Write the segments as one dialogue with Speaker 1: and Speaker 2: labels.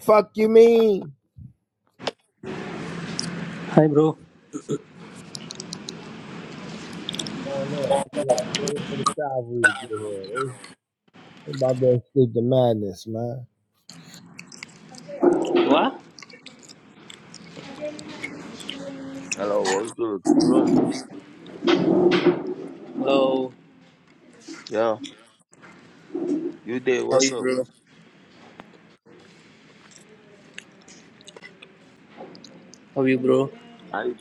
Speaker 1: Fuck you mean?
Speaker 2: Hi bro.
Speaker 1: going on. Wait- Waiting for the cavalry to get here. They, about to escape the madness, man.
Speaker 2: What?
Speaker 3: Hello, what's good? Bro,
Speaker 2: Hello.
Speaker 3: yeah, you there?
Speaker 2: How are
Speaker 3: What's
Speaker 2: you,
Speaker 3: up?
Speaker 2: bro? How are you, bro?
Speaker 3: I,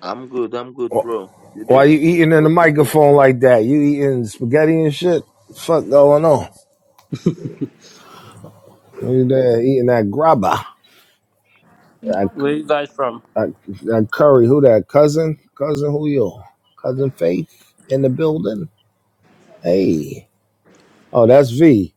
Speaker 3: I'm good, I'm good, bro. You
Speaker 1: Why
Speaker 3: there?
Speaker 1: you eating in the
Speaker 3: Hope you good.
Speaker 1: microphone like that? You eating spaghetti and shit? Fuck going on? You there eating that grabba? That,
Speaker 2: Where you guys from?
Speaker 1: that, that curry? Who that? Cousin? Cousin who you? Cousin Faith in the building? Hey. Oh, that's V.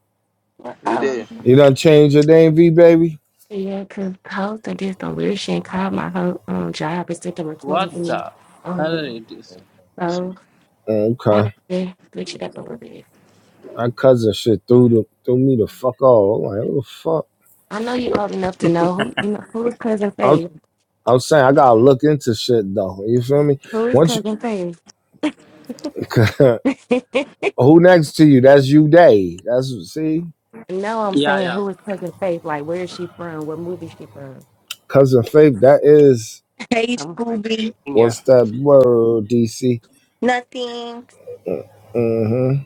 Speaker 3: You there?
Speaker 4: Oh,
Speaker 3: Yeah,
Speaker 1: You done changed your name, V baby?
Speaker 4: yeah, because hosting did some weird shit and called my whole um, job and sent the recording to
Speaker 2: What
Speaker 4: me.
Speaker 2: the hell
Speaker 4: Um,
Speaker 2: it is this?
Speaker 3: yeah, this is
Speaker 4: so I had
Speaker 1: Okay.
Speaker 4: to switch it up a
Speaker 3: from
Speaker 4: little bit.
Speaker 1: My cousin shit threw the, threw me the fuck off. I'm like, what the fuck?
Speaker 4: I know you old enough to know who you know who's cousin
Speaker 1: I
Speaker 4: Faith.
Speaker 1: I'm saying I gotta look into shit though. You feel me?
Speaker 4: Who is
Speaker 1: Once
Speaker 4: cousin Faith?
Speaker 1: you, who next to you? That's you, Day. That's see,
Speaker 4: no, I'm
Speaker 2: Yeah,
Speaker 4: saying
Speaker 2: yeah.
Speaker 4: who is cousin Faith? Like where is she from? What movie she from?
Speaker 1: cousin Faith. That is
Speaker 5: Hey,
Speaker 4: Um,
Speaker 5: Scooby.
Speaker 2: India.
Speaker 1: what's that word? DC.
Speaker 5: Nothing.
Speaker 1: Mm-hmm.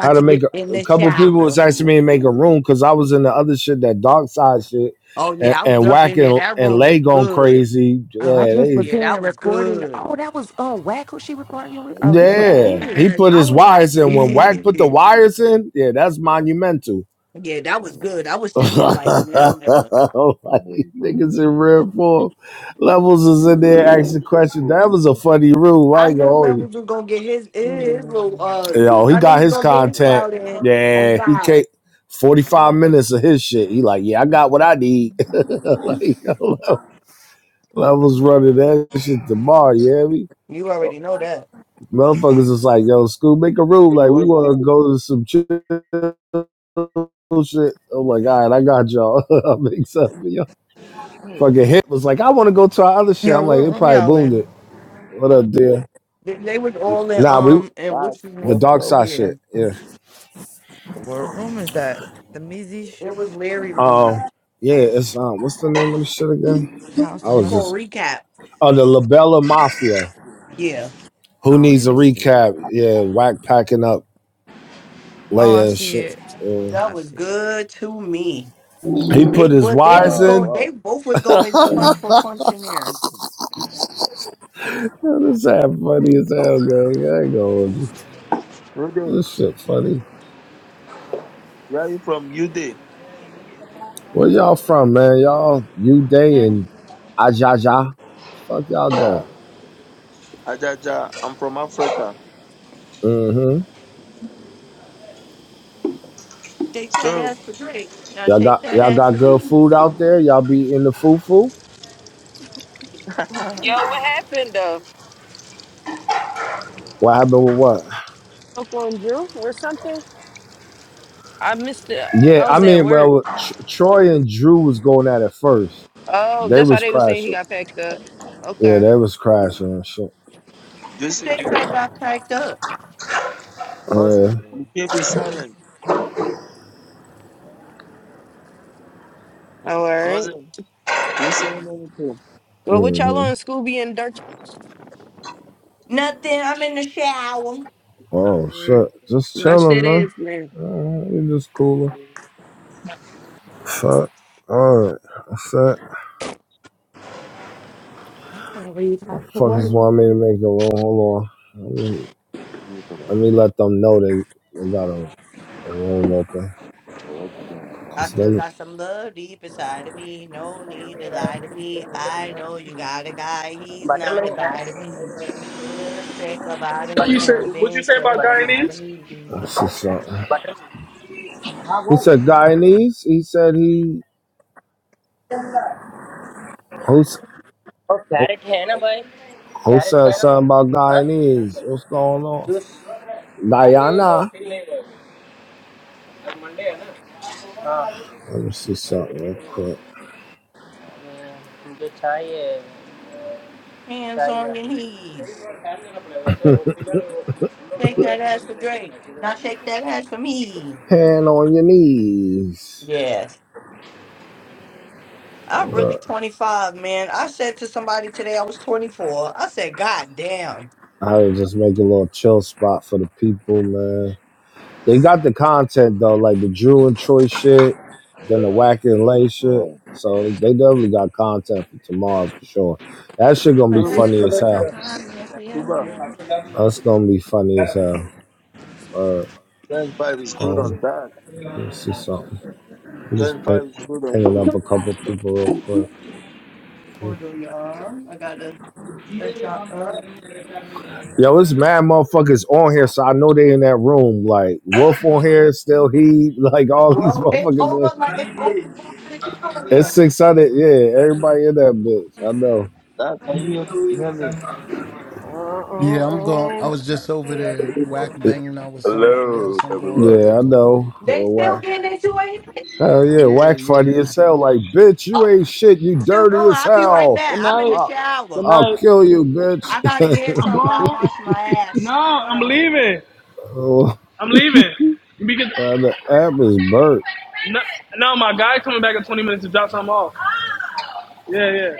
Speaker 1: How to
Speaker 5: to
Speaker 1: make
Speaker 5: get in
Speaker 1: a, a
Speaker 5: the
Speaker 1: couple of people was
Speaker 5: shower.
Speaker 1: asking me to make a room because I was in the other shit, that dark side shit,
Speaker 5: Oh,
Speaker 1: and,
Speaker 5: yeah, I was
Speaker 1: and
Speaker 5: up in there.
Speaker 1: whacking
Speaker 5: That
Speaker 1: and
Speaker 5: room is
Speaker 1: lay going
Speaker 5: good.
Speaker 1: crazy.
Speaker 4: oh, I
Speaker 1: Yeah,
Speaker 4: just was
Speaker 1: they.
Speaker 5: Yeah,
Speaker 4: hearing
Speaker 5: that
Speaker 4: a
Speaker 5: was
Speaker 4: recording.
Speaker 5: good.
Speaker 4: Oh, that was uh whack who she was arguing with. Oh, he was
Speaker 5: Yes.
Speaker 1: Yeah,
Speaker 3: Ecuador.
Speaker 1: he
Speaker 4: pissed.
Speaker 1: put
Speaker 5: I
Speaker 1: his
Speaker 5: was like,
Speaker 1: wires in. When Wack put the
Speaker 5: "Ew."
Speaker 3: Yeah,
Speaker 1: wires in, yeah, that's
Speaker 3: right.
Speaker 1: monumental.
Speaker 5: yeah, that was
Speaker 3: Sorry.
Speaker 5: good. I was
Speaker 1: like,
Speaker 5: sitting there like, never.
Speaker 3: Yeah, yeah, you go in,
Speaker 1: niggas in
Speaker 3: you go in.
Speaker 1: rare form. Levels is in there asking
Speaker 3: It's
Speaker 1: questions.
Speaker 3: all
Speaker 1: That was a
Speaker 3: people.
Speaker 1: funny room.
Speaker 5: I
Speaker 1: I ain't gonna
Speaker 5: knew
Speaker 1: hold you.
Speaker 5: Levels was going to get his, his little, uh,
Speaker 1: Yo, he
Speaker 5: I knew
Speaker 1: got
Speaker 5: he was
Speaker 1: his
Speaker 5: going to get his
Speaker 1: content.
Speaker 5: cloud in. Oh,
Speaker 1: Yeah, he
Speaker 5: God.
Speaker 1: can't.
Speaker 3: Yeah,
Speaker 1: 45
Speaker 3: man.
Speaker 1: minutes of his shit. He like, yeah, I
Speaker 4: Yeah.
Speaker 1: got what I need. like, yo, Levels running that shit tomorrow, you hear me?
Speaker 5: You already know that.
Speaker 1: Motherfuckers is like, yo, school, make a room.
Speaker 3: Hey,
Speaker 1: Like, we
Speaker 3: what's
Speaker 1: want to
Speaker 3: good?
Speaker 1: go to some chill shit. I'm like, all right, I got y'all. I'll make something. Fucking hit was like, I want to go to our other shit.
Speaker 6: Yo,
Speaker 1: I'm like,
Speaker 6: what
Speaker 1: they
Speaker 6: room
Speaker 1: probably
Speaker 6: y'all
Speaker 1: boomed it.
Speaker 6: in?
Speaker 1: What up, dear?
Speaker 5: They, they was all in,
Speaker 1: Nah, we
Speaker 5: um, and
Speaker 3: Dad,
Speaker 5: what's his
Speaker 1: the
Speaker 3: what's
Speaker 5: name?
Speaker 1: dark
Speaker 3: up?
Speaker 1: side
Speaker 5: Yeah,
Speaker 1: shit. Yeah.
Speaker 3: I
Speaker 6: What
Speaker 3: don't know.
Speaker 6: room is that? The Measy sh-
Speaker 5: it was Larry room.
Speaker 1: Um. Yeah. It's um. What's the name of the shit again?
Speaker 6: House
Speaker 1: I
Speaker 6: of
Speaker 5: It's
Speaker 1: was
Speaker 5: called
Speaker 1: just
Speaker 6: Hustles?
Speaker 5: Recap.
Speaker 1: oh the Labella Mafia.
Speaker 5: Yeah,
Speaker 1: Who
Speaker 6: I don't
Speaker 1: needs a
Speaker 6: even see.
Speaker 1: recap? Yeah, whack packing up
Speaker 6: Oh, I
Speaker 1: Leia and
Speaker 6: see
Speaker 1: shit.
Speaker 6: it.
Speaker 1: Uh,
Speaker 5: that
Speaker 6: I
Speaker 5: was
Speaker 6: see it.
Speaker 5: good to me.
Speaker 1: he
Speaker 5: They
Speaker 1: put his
Speaker 5: but they were
Speaker 1: wires
Speaker 5: going.
Speaker 1: in.
Speaker 3: Oh,
Speaker 5: They both was going punch for punch in there.
Speaker 1: Yeah, this ass funny as hell, gang. I ain't gonna hold you.
Speaker 3: wow. You there?
Speaker 1: This shit funny.
Speaker 3: Where are you from? You there?
Speaker 1: Where y'all from, man? Y'all, you day
Speaker 5: And
Speaker 1: and Ajaja. Fuck y'all doing?
Speaker 3: Yeah, Ajaja, I'm from Africa.
Speaker 1: Mm-hmm.
Speaker 5: shake
Speaker 3: Let's
Speaker 5: that
Speaker 3: go.
Speaker 5: ass for Drake. Now
Speaker 1: Y'all
Speaker 5: shake
Speaker 1: got
Speaker 5: that
Speaker 1: y'all
Speaker 5: ass for
Speaker 1: got good
Speaker 5: me.
Speaker 1: food out there. Y'all be in the fufu.
Speaker 4: Oh,
Speaker 7: Yo,
Speaker 4: he-
Speaker 7: what happened though?
Speaker 1: What happened with what?
Speaker 7: Uncle and Drew or something? I missed it.
Speaker 1: Yeah,
Speaker 7: I
Speaker 1: I
Speaker 7: was at
Speaker 1: mean,
Speaker 7: work.
Speaker 1: well, Tr- Troy and Drew was going at it first.
Speaker 7: Oh,
Speaker 1: They
Speaker 7: that's why
Speaker 1: was
Speaker 7: they were saying he
Speaker 1: crashing.
Speaker 7: got packed up.
Speaker 1: Yeah,
Speaker 7: Okay.
Speaker 1: they was crashing and shit.
Speaker 5: Who
Speaker 3: Juicy.
Speaker 5: thinks I got packed up?
Speaker 1: Yeah.
Speaker 3: Cousin, you can't be silent.
Speaker 7: All right.
Speaker 3: Cousin, you saying anything?
Speaker 7: Well, what y'all
Speaker 1: hmm
Speaker 7: on Scooby and Dirt?
Speaker 5: Nothing. I'm in the shower.
Speaker 1: Oh shit. Just
Speaker 7: Watch
Speaker 1: chilling,
Speaker 7: that
Speaker 1: man.
Speaker 7: ass, man.
Speaker 1: Uh, We just cooling. Fuck. All right. That's it.
Speaker 4: I'm sorry, I
Speaker 1: Fuck
Speaker 4: forgot.
Speaker 1: want me to make a room. Hold on. Let me
Speaker 3: Yeah, but I,
Speaker 1: let me let them know they they got a, a room open.
Speaker 3: but I just got
Speaker 5: I
Speaker 1: Cause
Speaker 3: find
Speaker 5: still
Speaker 3: it.
Speaker 1: they
Speaker 5: got some love deep inside of me. No need to lie to me. I know you got a guy. He's not a
Speaker 2: Buttermilk,
Speaker 5: guy to
Speaker 2: huh?
Speaker 5: me. Just say goodbye to
Speaker 8: What
Speaker 2: But,
Speaker 8: you say?
Speaker 5: him,
Speaker 8: What you
Speaker 5: then
Speaker 8: say about
Speaker 5: say
Speaker 2: but,
Speaker 5: goodbye to
Speaker 8: Guyanese?
Speaker 1: I
Speaker 5: me.
Speaker 1: see something.
Speaker 2: buttermilk.
Speaker 1: He said Guyanese. He said he who, s-
Speaker 2: Oh,
Speaker 1: who
Speaker 2: carrot, hey, na, boy.
Speaker 1: who
Speaker 2: Carrot,
Speaker 1: said
Speaker 2: hey,
Speaker 1: something
Speaker 2: na.
Speaker 1: about
Speaker 2: Huh?
Speaker 1: Guyanese. What's going on?
Speaker 2: Juice. Family
Speaker 1: Guyana.
Speaker 2: office, neighbor. Today Monday, na. Ah.
Speaker 1: Let me see
Speaker 2: Today
Speaker 1: something
Speaker 2: ready,
Speaker 1: real
Speaker 2: neighbor.
Speaker 1: quick.
Speaker 2: I mean, some tea, yeah.
Speaker 5: Hands
Speaker 2: Tea,
Speaker 5: on
Speaker 2: yeah.
Speaker 5: your knees.
Speaker 2: Today, brother, family, na, neighbor. Sir, office, neighbor. We are
Speaker 5: Shake that ass for
Speaker 2: going to
Speaker 5: Drake. Now
Speaker 2: do
Speaker 5: shake
Speaker 2: something.
Speaker 5: that ass for me.
Speaker 1: Hand on your knees.
Speaker 5: Yes. I'm
Speaker 1: Uh,
Speaker 5: really 25, man. I said to somebody today I was 24. I said, God damn.
Speaker 1: I was just make a little chill spot for the people, man. They got the content though, like the Drew and Troy shit, then the Wack and Lay shit.
Speaker 3: Oh,
Speaker 1: So they definitely got content for tomorrow for sure. That shit gonna be
Speaker 5: But I
Speaker 3: Hey,
Speaker 5: look
Speaker 1: funny
Speaker 5: up
Speaker 1: as
Speaker 5: at your
Speaker 1: hell.
Speaker 5: time, yes,
Speaker 3: Cuba,
Speaker 2: I
Speaker 5: man.
Speaker 2: forgot you
Speaker 1: That's gonna be funny as hell. All right,
Speaker 3: 25 is good on
Speaker 1: um,
Speaker 3: that.
Speaker 1: let me see something. I'm just
Speaker 3: 25
Speaker 1: ping,
Speaker 3: is good on
Speaker 1: pinging
Speaker 3: you.
Speaker 1: up a couple people real quick.
Speaker 5: Hold on, y'all. I gotta set y'all up.
Speaker 1: Yo, it's mad motherfuckers on here, so I know they in that room. Like Wolf on here, still he, like all these
Speaker 5: Bro, it's
Speaker 1: motherfuckers. on-
Speaker 5: over like it's over for the people in
Speaker 1: It's
Speaker 5: there.
Speaker 1: six hundred. Yeah, everybody in that bitch. I know.
Speaker 3: That, can you hear, hear me?
Speaker 8: Uh,
Speaker 9: Yeah, I'm going.
Speaker 8: uh,
Speaker 9: I
Speaker 8: uh.
Speaker 9: was just over there whack
Speaker 1: It-
Speaker 9: banging out with somebody
Speaker 10: Hello,
Speaker 9: else. I'm going up
Speaker 1: yeah, I
Speaker 9: back
Speaker 10: everybody.
Speaker 9: over. There.
Speaker 1: know.
Speaker 5: They
Speaker 1: Well, why?
Speaker 5: still getting into it.
Speaker 1: Hell yeah, whack funny
Speaker 9: Yeah,
Speaker 1: as hell. Like bitch,
Speaker 5: Oh,
Speaker 1: you ain't shit. You
Speaker 5: they still
Speaker 1: dirty
Speaker 5: going.
Speaker 1: as
Speaker 5: I'll be right
Speaker 1: hell.
Speaker 8: Good
Speaker 5: back. I'm in
Speaker 8: night.
Speaker 5: the
Speaker 1: I,
Speaker 5: shower.
Speaker 8: Good
Speaker 1: I'll
Speaker 8: night.
Speaker 1: kill you, bitch.
Speaker 5: I gotta hear
Speaker 8: I'm
Speaker 5: something while I'm
Speaker 8: gone.
Speaker 5: washing my
Speaker 8: No,
Speaker 5: ass. Hold
Speaker 8: I'm
Speaker 5: on.
Speaker 8: leaving.
Speaker 1: oh, uh,
Speaker 8: I'm leaving because
Speaker 1: the app is burnt.
Speaker 8: no, no, my guy coming back in 20 minutes to drop something off. Yeah, yeah.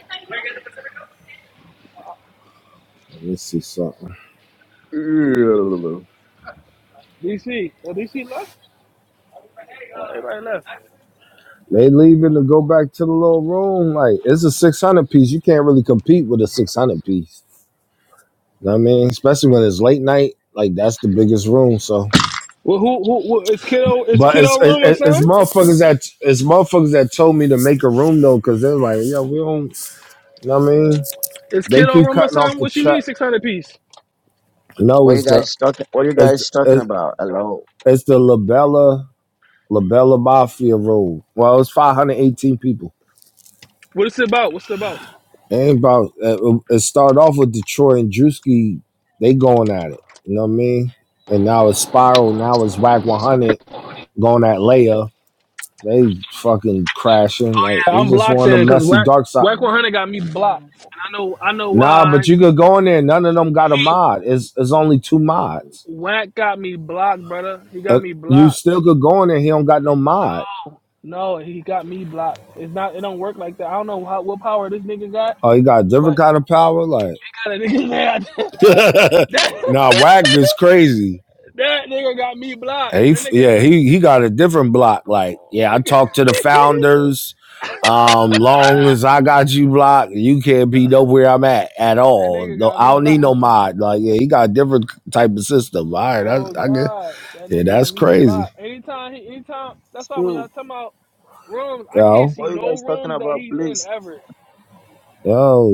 Speaker 1: Let me see something.
Speaker 10: Hello.
Speaker 8: DC. Oh, DC left. Oh, everybody left.
Speaker 1: They leaving to go back to the little room. Like it's a six hundred piece. You can't really compete with a six hundred piece. You know what I mean, especially when it's late night. Like that's the biggest room. So,
Speaker 8: Well, who, who, who? It's kiddo. It's
Speaker 1: but
Speaker 8: kiddo
Speaker 1: it's it's,
Speaker 8: room or
Speaker 1: it's
Speaker 8: something.
Speaker 1: motherfuckers that it's motherfuckers that told me to make a room though, because they're like, yo, we don't. You know what I mean?
Speaker 8: It's
Speaker 1: They
Speaker 8: kiddo
Speaker 1: keep
Speaker 8: room or
Speaker 1: cutting off
Speaker 8: something.
Speaker 1: the
Speaker 8: What you
Speaker 1: chat.
Speaker 8: mean 600 piece?
Speaker 1: No,
Speaker 10: What you
Speaker 1: it's the
Speaker 10: guys talking? What you
Speaker 1: it's the,
Speaker 10: guys talking
Speaker 1: it's,
Speaker 10: about? Hello.
Speaker 1: it's the Labella Labella Mafia room. Well, it's five hundred eighteen people.
Speaker 8: What is it about? What's it about?
Speaker 1: And about uh, it started off with Detroit and Drewski, they going at it. You know what I mean? And now it's Spiral. Now it's Whack 100 going at Leia. They fucking crashing. Like it's
Speaker 8: I'm
Speaker 1: just
Speaker 8: blocked
Speaker 1: one of
Speaker 8: then
Speaker 1: them
Speaker 8: because
Speaker 1: messy
Speaker 8: Wack
Speaker 1: dark side.
Speaker 8: Whack 100 got me blocked. And I know I know
Speaker 1: Nah, but
Speaker 8: why.
Speaker 1: you could go in there. None of them got a mod. It's it's only two mods.
Speaker 8: Wack got me blocked, brother. He got
Speaker 1: Uh,
Speaker 8: me
Speaker 1: you
Speaker 8: blocked.
Speaker 1: still could go in there. He don't got no mod.
Speaker 8: No, he got me blocked. It's not. It don't work like that. I don't know how, what power this nigga got,
Speaker 1: Oh, he got a different
Speaker 8: but
Speaker 1: kind of power. Like
Speaker 8: he got a nigga mad. that,
Speaker 1: nah, Whack is crazy.
Speaker 8: that nigga got me blocked.
Speaker 1: He,
Speaker 8: That nigga.
Speaker 1: yeah, he he got a different block. Like,
Speaker 8: Oh,
Speaker 1: yeah, I
Speaker 8: he got-
Speaker 1: talked to the founders. Um, long as I got you blocked, you can't be nowhere I'm at at
Speaker 8: that
Speaker 1: all.
Speaker 8: nigga
Speaker 1: No,
Speaker 8: got
Speaker 1: I
Speaker 8: me
Speaker 1: don't need
Speaker 8: blocked. I
Speaker 1: no mod. Like, yeah, he got a different type of system. All right,
Speaker 8: Oh
Speaker 1: that's I get.
Speaker 8: God, that
Speaker 1: Yeah,
Speaker 8: nigga got
Speaker 1: that's
Speaker 8: me
Speaker 1: crazy,
Speaker 8: blocked. Anytime he, anytime. That's why when y'all
Speaker 3: Still,
Speaker 8: talking about rooms, I can't
Speaker 1: yo,
Speaker 8: see
Speaker 3: what you
Speaker 8: no
Speaker 3: guys talking
Speaker 8: rooms that
Speaker 3: about,
Speaker 8: he's in
Speaker 3: please?
Speaker 8: ever.
Speaker 1: yo,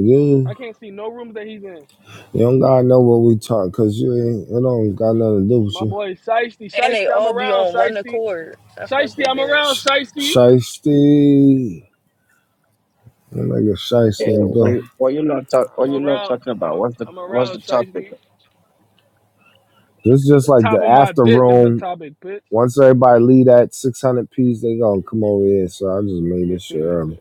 Speaker 8: I
Speaker 1: you
Speaker 8: can't see no rooms that he's in.
Speaker 1: you don't gotta know what we talk, cause you ain't it don't got nothing to do with
Speaker 8: My
Speaker 1: you.
Speaker 8: boy Shiesty,
Speaker 7: And they
Speaker 8: Shiesty, I'm
Speaker 7: all be
Speaker 8: around
Speaker 7: on one
Speaker 8: Shiesty,
Speaker 7: accord. I fuck
Speaker 8: Shiesty,
Speaker 7: with
Speaker 8: I'm
Speaker 7: that.
Speaker 8: around
Speaker 1: Sh-
Speaker 8: Shiesty.
Speaker 1: Shiesty, nigga,
Speaker 10: Yeah,
Speaker 1: shiesty and
Speaker 10: what,
Speaker 1: Bill.
Speaker 10: you- what you lot talk?
Speaker 8: I'm
Speaker 10: What you lot
Speaker 8: around,
Speaker 10: talking
Speaker 8: I'm
Speaker 10: about?
Speaker 8: a,
Speaker 10: What's the
Speaker 8: I'm
Speaker 10: What's
Speaker 8: around
Speaker 10: the topic?
Speaker 8: Shiesty.
Speaker 1: This is just
Speaker 8: The
Speaker 1: like
Speaker 8: top
Speaker 1: the
Speaker 8: of my
Speaker 1: after
Speaker 8: dick is the
Speaker 1: room
Speaker 8: topic, bitch.
Speaker 1: Once everybody leave that 600 piece, they gonna come over here. So I just
Speaker 8: Let
Speaker 1: made
Speaker 8: me
Speaker 1: this shit
Speaker 8: see.
Speaker 1: early.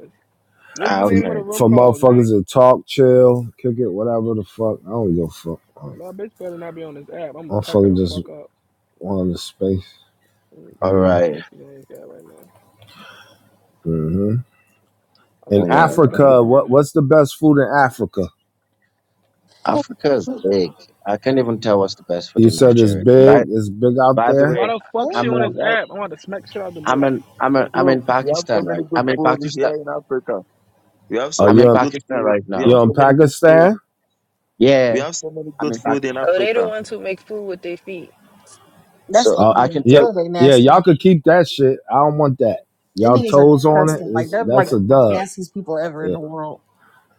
Speaker 8: What's the
Speaker 10: Ah,
Speaker 1: For,
Speaker 8: name of
Speaker 10: okay.
Speaker 8: the room
Speaker 1: for
Speaker 8: called, gang?
Speaker 1: motherfuckers to talk, chill, kick it, whatever the fuck. I don't give a fuck.
Speaker 8: My bitch better not be on this app. I'm gonna
Speaker 1: I'm
Speaker 8: pack her
Speaker 1: fucking
Speaker 8: the
Speaker 1: just
Speaker 8: fuck up.
Speaker 1: wanting the space.
Speaker 8: Let me
Speaker 10: All
Speaker 8: see if
Speaker 1: Mm-hmm.
Speaker 8: my
Speaker 10: right.
Speaker 8: bitch is on this app right now.
Speaker 1: Mm-hmm.
Speaker 8: I
Speaker 1: In
Speaker 8: think
Speaker 10: Oh,
Speaker 8: my
Speaker 10: Yeah,
Speaker 8: bitch got a
Speaker 1: Africa, what
Speaker 8: burner.
Speaker 1: what's the best food in Africa?
Speaker 10: Africa is big. I can't even tell what's the best food
Speaker 1: You
Speaker 10: in
Speaker 1: said it's
Speaker 10: Nigeria. And by
Speaker 1: big. It's big out
Speaker 10: By the
Speaker 8: Hey,
Speaker 1: there.
Speaker 8: why
Speaker 10: way,
Speaker 8: the fuck she
Speaker 10: I'm
Speaker 8: on
Speaker 11: Mm,
Speaker 8: this
Speaker 3: we
Speaker 10: in
Speaker 3: have,
Speaker 8: app? I want to smack shit out the
Speaker 10: I'm
Speaker 8: bitch.
Speaker 10: in I'm in I'm
Speaker 3: so,
Speaker 10: in
Speaker 3: we have so
Speaker 10: Pakistan
Speaker 3: many
Speaker 10: right.
Speaker 3: good
Speaker 10: I'm in
Speaker 3: food
Speaker 10: Pakistan.
Speaker 3: here in Africa. We have so
Speaker 1: Are
Speaker 10: I'm in
Speaker 1: you
Speaker 3: many
Speaker 1: in,
Speaker 3: good
Speaker 10: Pakistan
Speaker 3: food.
Speaker 10: right
Speaker 3: We
Speaker 1: you
Speaker 10: now.
Speaker 3: have
Speaker 1: in
Speaker 3: so many good food.
Speaker 1: Pakistan?
Speaker 10: Yeah,
Speaker 3: We have so many
Speaker 10: I'm
Speaker 3: good
Speaker 10: in
Speaker 3: food
Speaker 10: Pakistan.
Speaker 3: in
Speaker 7: Oh, they the
Speaker 3: Africa.
Speaker 7: ones who make food with their feet.
Speaker 11: That's
Speaker 10: So
Speaker 1: Uh,
Speaker 10: I
Speaker 11: India.
Speaker 10: can
Speaker 1: yeah,
Speaker 10: tell.
Speaker 11: Those are
Speaker 1: yeah.
Speaker 11: nasty.
Speaker 1: Y'all could keep that shit. I don't want that. Y'all
Speaker 11: Indians are
Speaker 1: toes on it.
Speaker 11: disgusting. Like
Speaker 1: It's,
Speaker 11: they're like
Speaker 1: that's a
Speaker 11: the most
Speaker 1: dub.
Speaker 11: nastiest people ever in
Speaker 1: Yeah,
Speaker 11: the world.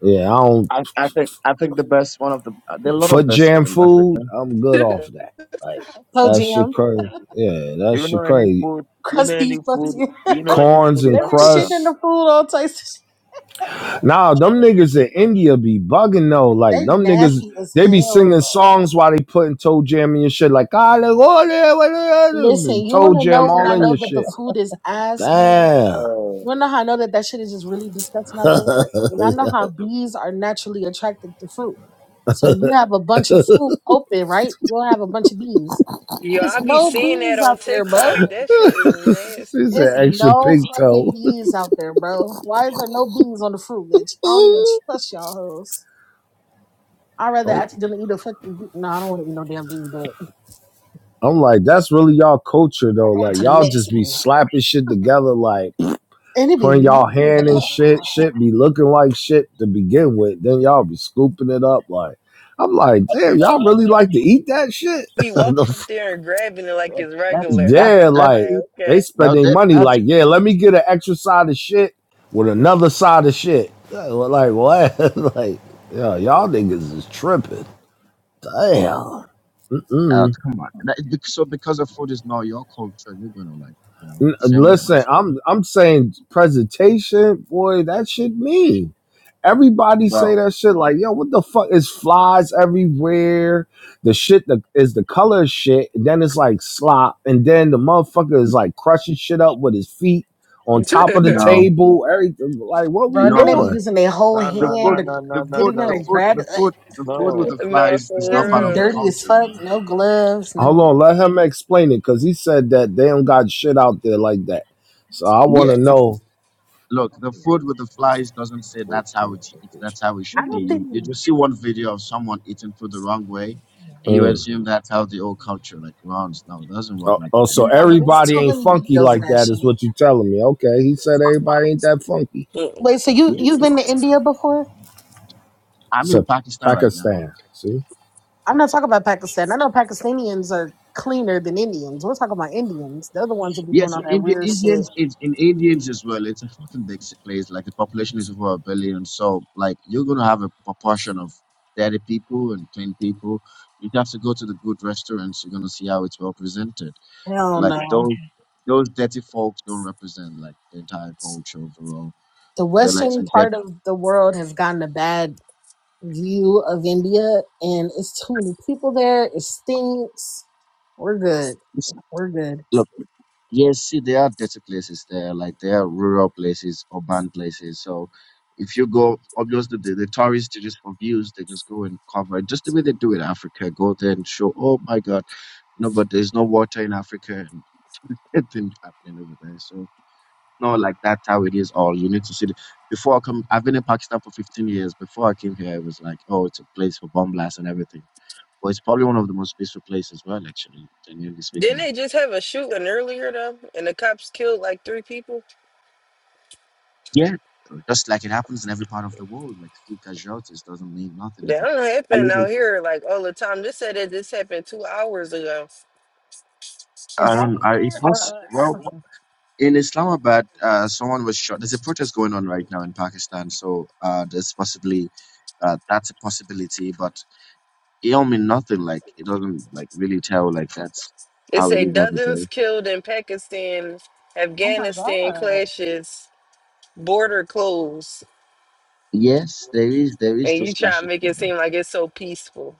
Speaker 1: yeah. I don't.
Speaker 10: I, I think I think the best one of the uh, there are a lot
Speaker 1: for
Speaker 10: of best food
Speaker 1: jam
Speaker 10: in Africa.
Speaker 1: food, I'm good off that. Like
Speaker 11: So
Speaker 1: that shit
Speaker 11: Jim,
Speaker 1: crazy. Yeah, that
Speaker 3: Do you know
Speaker 1: shit
Speaker 3: any
Speaker 1: crazy.
Speaker 3: food? Do you know any
Speaker 11: crusty
Speaker 3: food?
Speaker 11: fucking.
Speaker 3: Do you know any
Speaker 1: Corns
Speaker 3: food in
Speaker 1: and
Speaker 11: they're
Speaker 3: Africa?
Speaker 11: shitting in the
Speaker 1: crust.
Speaker 11: food all types. Of shit.
Speaker 1: Nah, them niggas in India be bugging though. Like
Speaker 11: They
Speaker 1: them niggas,
Speaker 11: nasty as
Speaker 1: they be
Speaker 11: hell.
Speaker 1: singing
Speaker 11: Bro.
Speaker 1: songs while they putting toe jam in your shit. Like ah, like, oh, yeah, what, yeah,
Speaker 11: Listen,
Speaker 1: and
Speaker 11: you want
Speaker 1: toe
Speaker 11: to know
Speaker 1: jam
Speaker 11: when
Speaker 1: all
Speaker 11: I
Speaker 1: in
Speaker 11: know
Speaker 1: your
Speaker 11: that the
Speaker 1: shit.
Speaker 11: food is ass, bro? You
Speaker 1: Damn,
Speaker 3: Oh,
Speaker 11: wanna know how I know that that shit is just really disgusting out there? And I know how bees are naturally attracted to fruit. So you have a bunch of fruit open, right? You'll have a bunch of bees.
Speaker 7: Yo,
Speaker 11: There's
Speaker 7: I be
Speaker 11: no
Speaker 7: seeing that
Speaker 11: bees
Speaker 7: on
Speaker 11: out there, bro.
Speaker 7: TikTok. That shit is
Speaker 1: she's
Speaker 7: nasty.
Speaker 11: There's
Speaker 1: an extra
Speaker 11: no
Speaker 1: pig
Speaker 11: fucking
Speaker 1: toe.
Speaker 11: bees out there, bro. Why is there no bees on the fruit, bitch? I don't even trust y'all hoes. I'd rather
Speaker 1: I'm
Speaker 11: accidentally eat a fucking bee. No, I don't want to eat no damn bee, but
Speaker 1: like, that's really y'all culture
Speaker 11: I'm
Speaker 1: though.
Speaker 11: going
Speaker 1: Like
Speaker 11: to the
Speaker 1: y'all just be
Speaker 11: Mexicans.
Speaker 1: slapping shit together. like.
Speaker 11: And it be,
Speaker 1: putting
Speaker 11: me,
Speaker 1: y'all hand in shit. Shit be looking like shit to begin with. Then y'all be scooping it up like. I'm like, damn, y'all really like to eat that shit?
Speaker 7: Be walking up there and grabbing it like
Speaker 10: It,
Speaker 7: it's
Speaker 10: that's
Speaker 7: regular.
Speaker 10: that
Speaker 1: yeah,
Speaker 10: that
Speaker 1: like
Speaker 10: food.
Speaker 1: they
Speaker 7: Like,
Speaker 1: spend
Speaker 10: Well,
Speaker 1: their
Speaker 10: that
Speaker 1: money
Speaker 10: that's
Speaker 1: like, yeah, let me get an extra side of shit with another side of shit. Yeah, well, Like what? like, yeah, y'all niggas is tripping. Damn.
Speaker 10: uh,
Speaker 1: Mm-mm.
Speaker 10: come on. That, bec- so because of food is not your culture, you're gonna like you know shame it on us.
Speaker 1: Listen, I'm I'm saying presentation, boy, that shit mean. Everybody say
Speaker 10: Well,
Speaker 1: that shit like, yo, what the fuck is flies everywhere? The shit that is the color shit. Then it's like slop, and then the motherfucker is like crushing shit up with his feet on top
Speaker 7: okay.
Speaker 1: of
Speaker 10: you
Speaker 1: the
Speaker 10: know,
Speaker 1: table. Everything like, what we
Speaker 11: bro, and
Speaker 10: no
Speaker 11: then they
Speaker 10: the
Speaker 11: be
Speaker 1: doing?
Speaker 11: using their whole
Speaker 3: no,
Speaker 10: the
Speaker 3: no,
Speaker 11: hand
Speaker 3: no,
Speaker 10: food
Speaker 11: to
Speaker 3: no, no,
Speaker 10: the
Speaker 3: no,
Speaker 11: get
Speaker 10: food
Speaker 11: in there
Speaker 10: the
Speaker 3: no,
Speaker 11: and
Speaker 10: food
Speaker 11: grab
Speaker 10: the
Speaker 11: it.
Speaker 10: food the food with
Speaker 3: no.
Speaker 10: the
Speaker 7: No,
Speaker 10: flies is not
Speaker 11: Hands
Speaker 10: part
Speaker 11: be
Speaker 10: of the
Speaker 7: for
Speaker 11: dirty
Speaker 7: real.
Speaker 11: as
Speaker 10: culture,
Speaker 11: fuck.
Speaker 10: man.
Speaker 11: No gloves, no
Speaker 1: Hold on,
Speaker 11: I
Speaker 1: let him explain it because he said that they don't got shit out there
Speaker 3: Mhm.
Speaker 1: like that. So I want
Speaker 10: Yeah,
Speaker 1: to know.
Speaker 10: look, the food with the flies doesn't say
Speaker 3: Wait,
Speaker 10: that's
Speaker 3: let
Speaker 10: how
Speaker 3: me
Speaker 10: it,
Speaker 3: take
Speaker 10: it that's how it
Speaker 11: I
Speaker 10: should be.
Speaker 3: Oh,
Speaker 11: don't think,
Speaker 10: You you
Speaker 3: yeah.
Speaker 10: just see one video of someone eating food the wrong way, and you
Speaker 1: Mm.
Speaker 10: assume that's how the old culture like runs. No, it doesn't work
Speaker 1: Oh,
Speaker 10: like
Speaker 1: oh,
Speaker 10: that.
Speaker 1: so
Speaker 11: no, but it's
Speaker 1: everybody
Speaker 11: too
Speaker 1: ain't
Speaker 11: many
Speaker 1: funky
Speaker 11: videos of
Speaker 1: like
Speaker 11: that
Speaker 1: that is
Speaker 11: shit.
Speaker 1: what you telling me? Okay, he said everybody ain't that funky.
Speaker 11: Wait, so you,
Speaker 10: Yeah,
Speaker 11: you've been
Speaker 10: bro.
Speaker 11: to India before?
Speaker 10: I'm in
Speaker 1: Except
Speaker 10: Pakistan right now.
Speaker 1: Pakistan. See,
Speaker 11: I'm not talking about Pakistan. I know Pakistanians are cleaner than Indians. We're talking about Indians. They're the ones that be
Speaker 10: Yeah,
Speaker 11: doing all
Speaker 10: so
Speaker 11: that
Speaker 10: Indi-
Speaker 11: weird shit.
Speaker 10: Indians in, in Indians as well. It's a fucking big s- place. Like the population is over a billion, so like you're gonna have a proportion of dirty people and clean people. You have to go to the good restaurants. You're gonna see how it's well presented.
Speaker 11: Hell
Speaker 10: Like
Speaker 11: no.
Speaker 10: those those dirty folks don't represent like the entire culture overall.
Speaker 11: The
Speaker 10: They're like
Speaker 11: Western
Speaker 10: some dirty.
Speaker 11: part of the world has gotten a bad view of India, and it's too many people there. It stinks. We're good. We're good.
Speaker 10: Look, yes, see, there are dirty places there. Like there are rural places, urban places. So if you go, obviously the, the tourists they just for views. They just go and cover it, just the way they do in Africa. Go there and show. Oh my God, no, but there's no water in Africa, and nothing happening over there. So. not like that's how it is all you need to see the, before i come i've been in pakistan for 15 years before i came here it was like oh it's a place for bomb blasts and everything well it's probably one of the most peaceful places as well actually genuinely
Speaker 7: Didn't
Speaker 10: speaking
Speaker 7: they just have a shooting earlier though, and the cops killed like three people?
Speaker 10: yeah just like it happens in every part of the world like few casualties doesn't mean nothing
Speaker 7: That
Speaker 10: like
Speaker 7: don't
Speaker 10: i
Speaker 7: happen
Speaker 10: live in
Speaker 7: out here like all the time. This said that this happened two hours ago.
Speaker 11: In
Speaker 10: i don't i it
Speaker 11: Pakistan or
Speaker 10: was
Speaker 11: uh,
Speaker 10: well
Speaker 11: Africa?
Speaker 10: in islamabad uh someone was shot there's a protest going on right now in pakistan so uh there's possibly uh, that's a possibility, but it don't mean nothing. Like it doesn't like really tell like that's
Speaker 7: It
Speaker 10: how it
Speaker 7: say
Speaker 10: is every
Speaker 7: dozens
Speaker 10: day.
Speaker 7: killed in Pakistan,
Speaker 11: Oh my
Speaker 7: Afghanistan
Speaker 11: god!
Speaker 7: clashes, border closed,
Speaker 10: Yes, there is there is
Speaker 7: and you
Speaker 10: those
Speaker 7: try to
Speaker 10: clashes.
Speaker 7: make
Speaker 10: from
Speaker 7: it
Speaker 10: that.
Speaker 7: seem like it's so peaceful.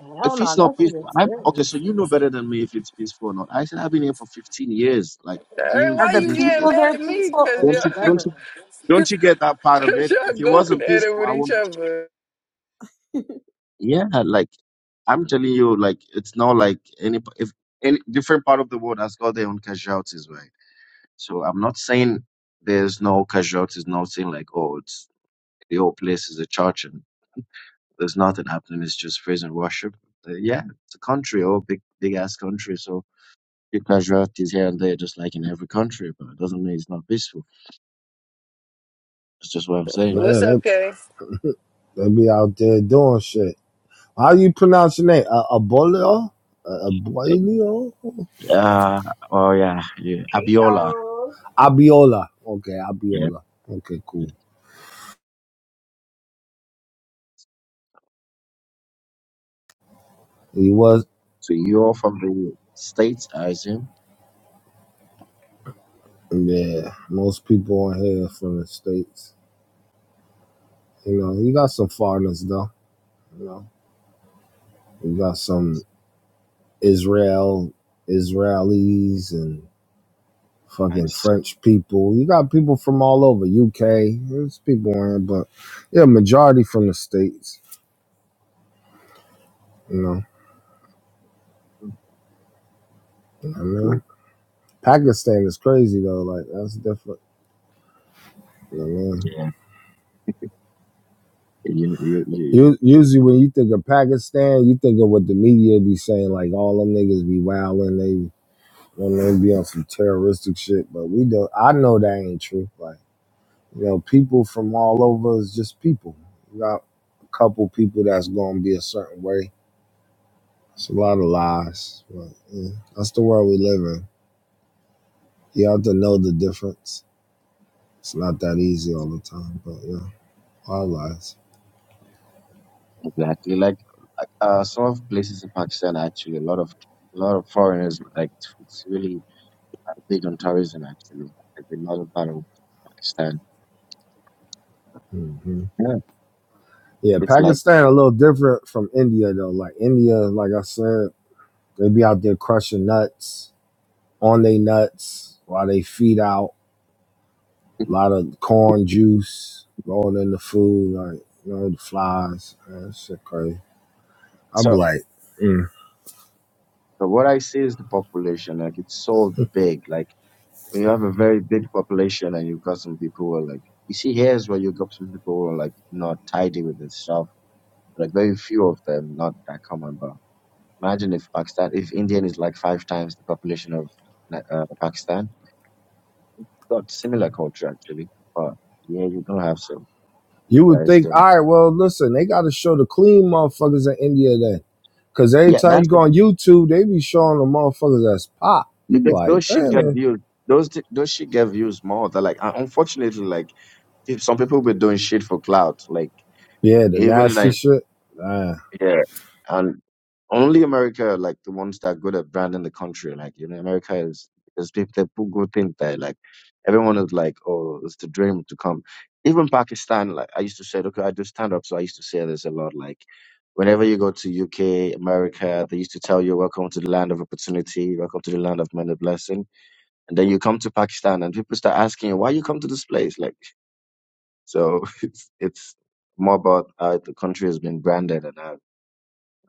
Speaker 11: Hell
Speaker 10: If
Speaker 11: no,
Speaker 10: it's not
Speaker 11: that's what
Speaker 10: peaceful, I am
Speaker 11: it's
Speaker 10: okay. So you know better than me if it's peaceful or not. I said I've been here for 15 years. Like
Speaker 7: Hey,
Speaker 10: didn't
Speaker 11: Are
Speaker 7: why
Speaker 11: the
Speaker 7: you
Speaker 10: didn't
Speaker 7: getting
Speaker 11: people
Speaker 10: get
Speaker 7: mad
Speaker 11: their
Speaker 7: at me?
Speaker 11: people
Speaker 7: Cause
Speaker 11: or
Speaker 10: don't
Speaker 11: the
Speaker 10: you
Speaker 7: y'all,
Speaker 10: don't you
Speaker 11: government?
Speaker 10: don't you get that part of
Speaker 7: cause
Speaker 10: it?
Speaker 7: y'all
Speaker 10: If it
Speaker 7: going
Speaker 10: wasn't
Speaker 7: at it
Speaker 10: peaceful,
Speaker 7: with
Speaker 10: I
Speaker 7: each
Speaker 10: wouldn't.
Speaker 7: other.
Speaker 10: Yeah, like I'm telling you, like it's not like any if any different part of the world has got their own casualties, right? So I'm not saying there's no casualties, nothing like oh it's the whole place is a church and there's nothing happening. It's just praise and worship. Uh, yeah, it's a country, oh, big, big ass country. So casualties here and there, just like in every country, but it doesn't mean it's not peaceful. That's just what I'm saying.
Speaker 7: What's
Speaker 1: yeah, that.
Speaker 7: up, Kay?
Speaker 1: They be out there doing shit. How you pronounce your name? Uh, Abolio? Uh, Abolio?
Speaker 10: Uh, oh yeah, yeah,
Speaker 12: Hey
Speaker 10: Abiola.
Speaker 12: y'all.
Speaker 1: Abiola. Okay,
Speaker 10: Yeah.
Speaker 1: Abiola. Okay,
Speaker 10: yeah.
Speaker 1: cool. He was,
Speaker 10: So you're from the states, I assume.
Speaker 1: yeah. Most people on here from the States. You know, you got some foreigners, though. You know, you got some Israel, Israelis, and
Speaker 10: I
Speaker 1: fucking
Speaker 10: assume.
Speaker 1: French people. You got people from all over, UK. There's people on here, but yeah, majority from the States. You know, I mean.
Speaker 10: Cool.
Speaker 1: Pakistan is crazy though. Like that's different. You know what I mean?
Speaker 10: Yeah. You, you, you
Speaker 1: U- Usually when you think of Pakistan, you think of what the media be saying, like all them niggas be wilding, they you know, they be on some terroristic shit. But we don't. I know that ain't true. Like you know, people from all over is just people. You got a couple people that's gonna be a certain way. It's a lot of lies. But yeah, that's the world we live in. You have to know the difference. It's not that easy all the time. But yeah, all lies.
Speaker 10: exactly like like uh some of places in Pakistan actually a lot of a lot of foreigners like it's, it's really big on tourism actually. Like a lot of part of Pakistan.
Speaker 1: Mm-hmm.
Speaker 10: Yeah.
Speaker 1: Yeah,
Speaker 10: It's like
Speaker 1: Pakistan a little different from India though. Like India, like I said, they be out there crushing nuts on they nuts while they feed out a lot of corn juice going in the food, like you know the flies. Man, that shit crazy. I'm
Speaker 10: so
Speaker 1: like, mm.
Speaker 10: but what I see is the population, like it's so big. Like when you have a very big population and you've got some people who are like you see here's where you got some people who are like not tidy with this stuff. Like very few of them, not that common, but imagine if Pakistan if Indian is like five times the population of like, uh, Pakistan. Got similar culture actually. But yeah, you're gonna have some
Speaker 1: you would
Speaker 10: guys
Speaker 1: think, all
Speaker 10: doing
Speaker 1: right, well, listen, they got to show the clean motherfuckers in India then, because every
Speaker 10: yeah,
Speaker 1: time
Speaker 10: that's
Speaker 1: you go on YouTube, they be showing the motherfuckers that's pop. You be
Speaker 10: because those
Speaker 1: like,
Speaker 10: shit
Speaker 1: damn,
Speaker 10: got
Speaker 1: it.
Speaker 10: views. Those th- those shit get views more. That like un- unfortunately, like if some people were doing shit for clout. Like
Speaker 1: yeah, the
Speaker 10: even
Speaker 1: nasty
Speaker 10: like
Speaker 1: shit. Nah,
Speaker 10: yeah, and only America like the ones that are good at branding the country. Like you know, America is because people they put good things there. Like everyone is like, oh, it's the dream to come. Even Pakistan, like I used to say, okay, I do stand up, so I used to say this a lot. Like whenever you go to UK, America, they used to tell you, welcome to the land of opportunity, welcome to the land of many blessings and then you come to Pakistan and people start asking you, why you come to this place? Like, so it's, it's more about how the country has been branded and how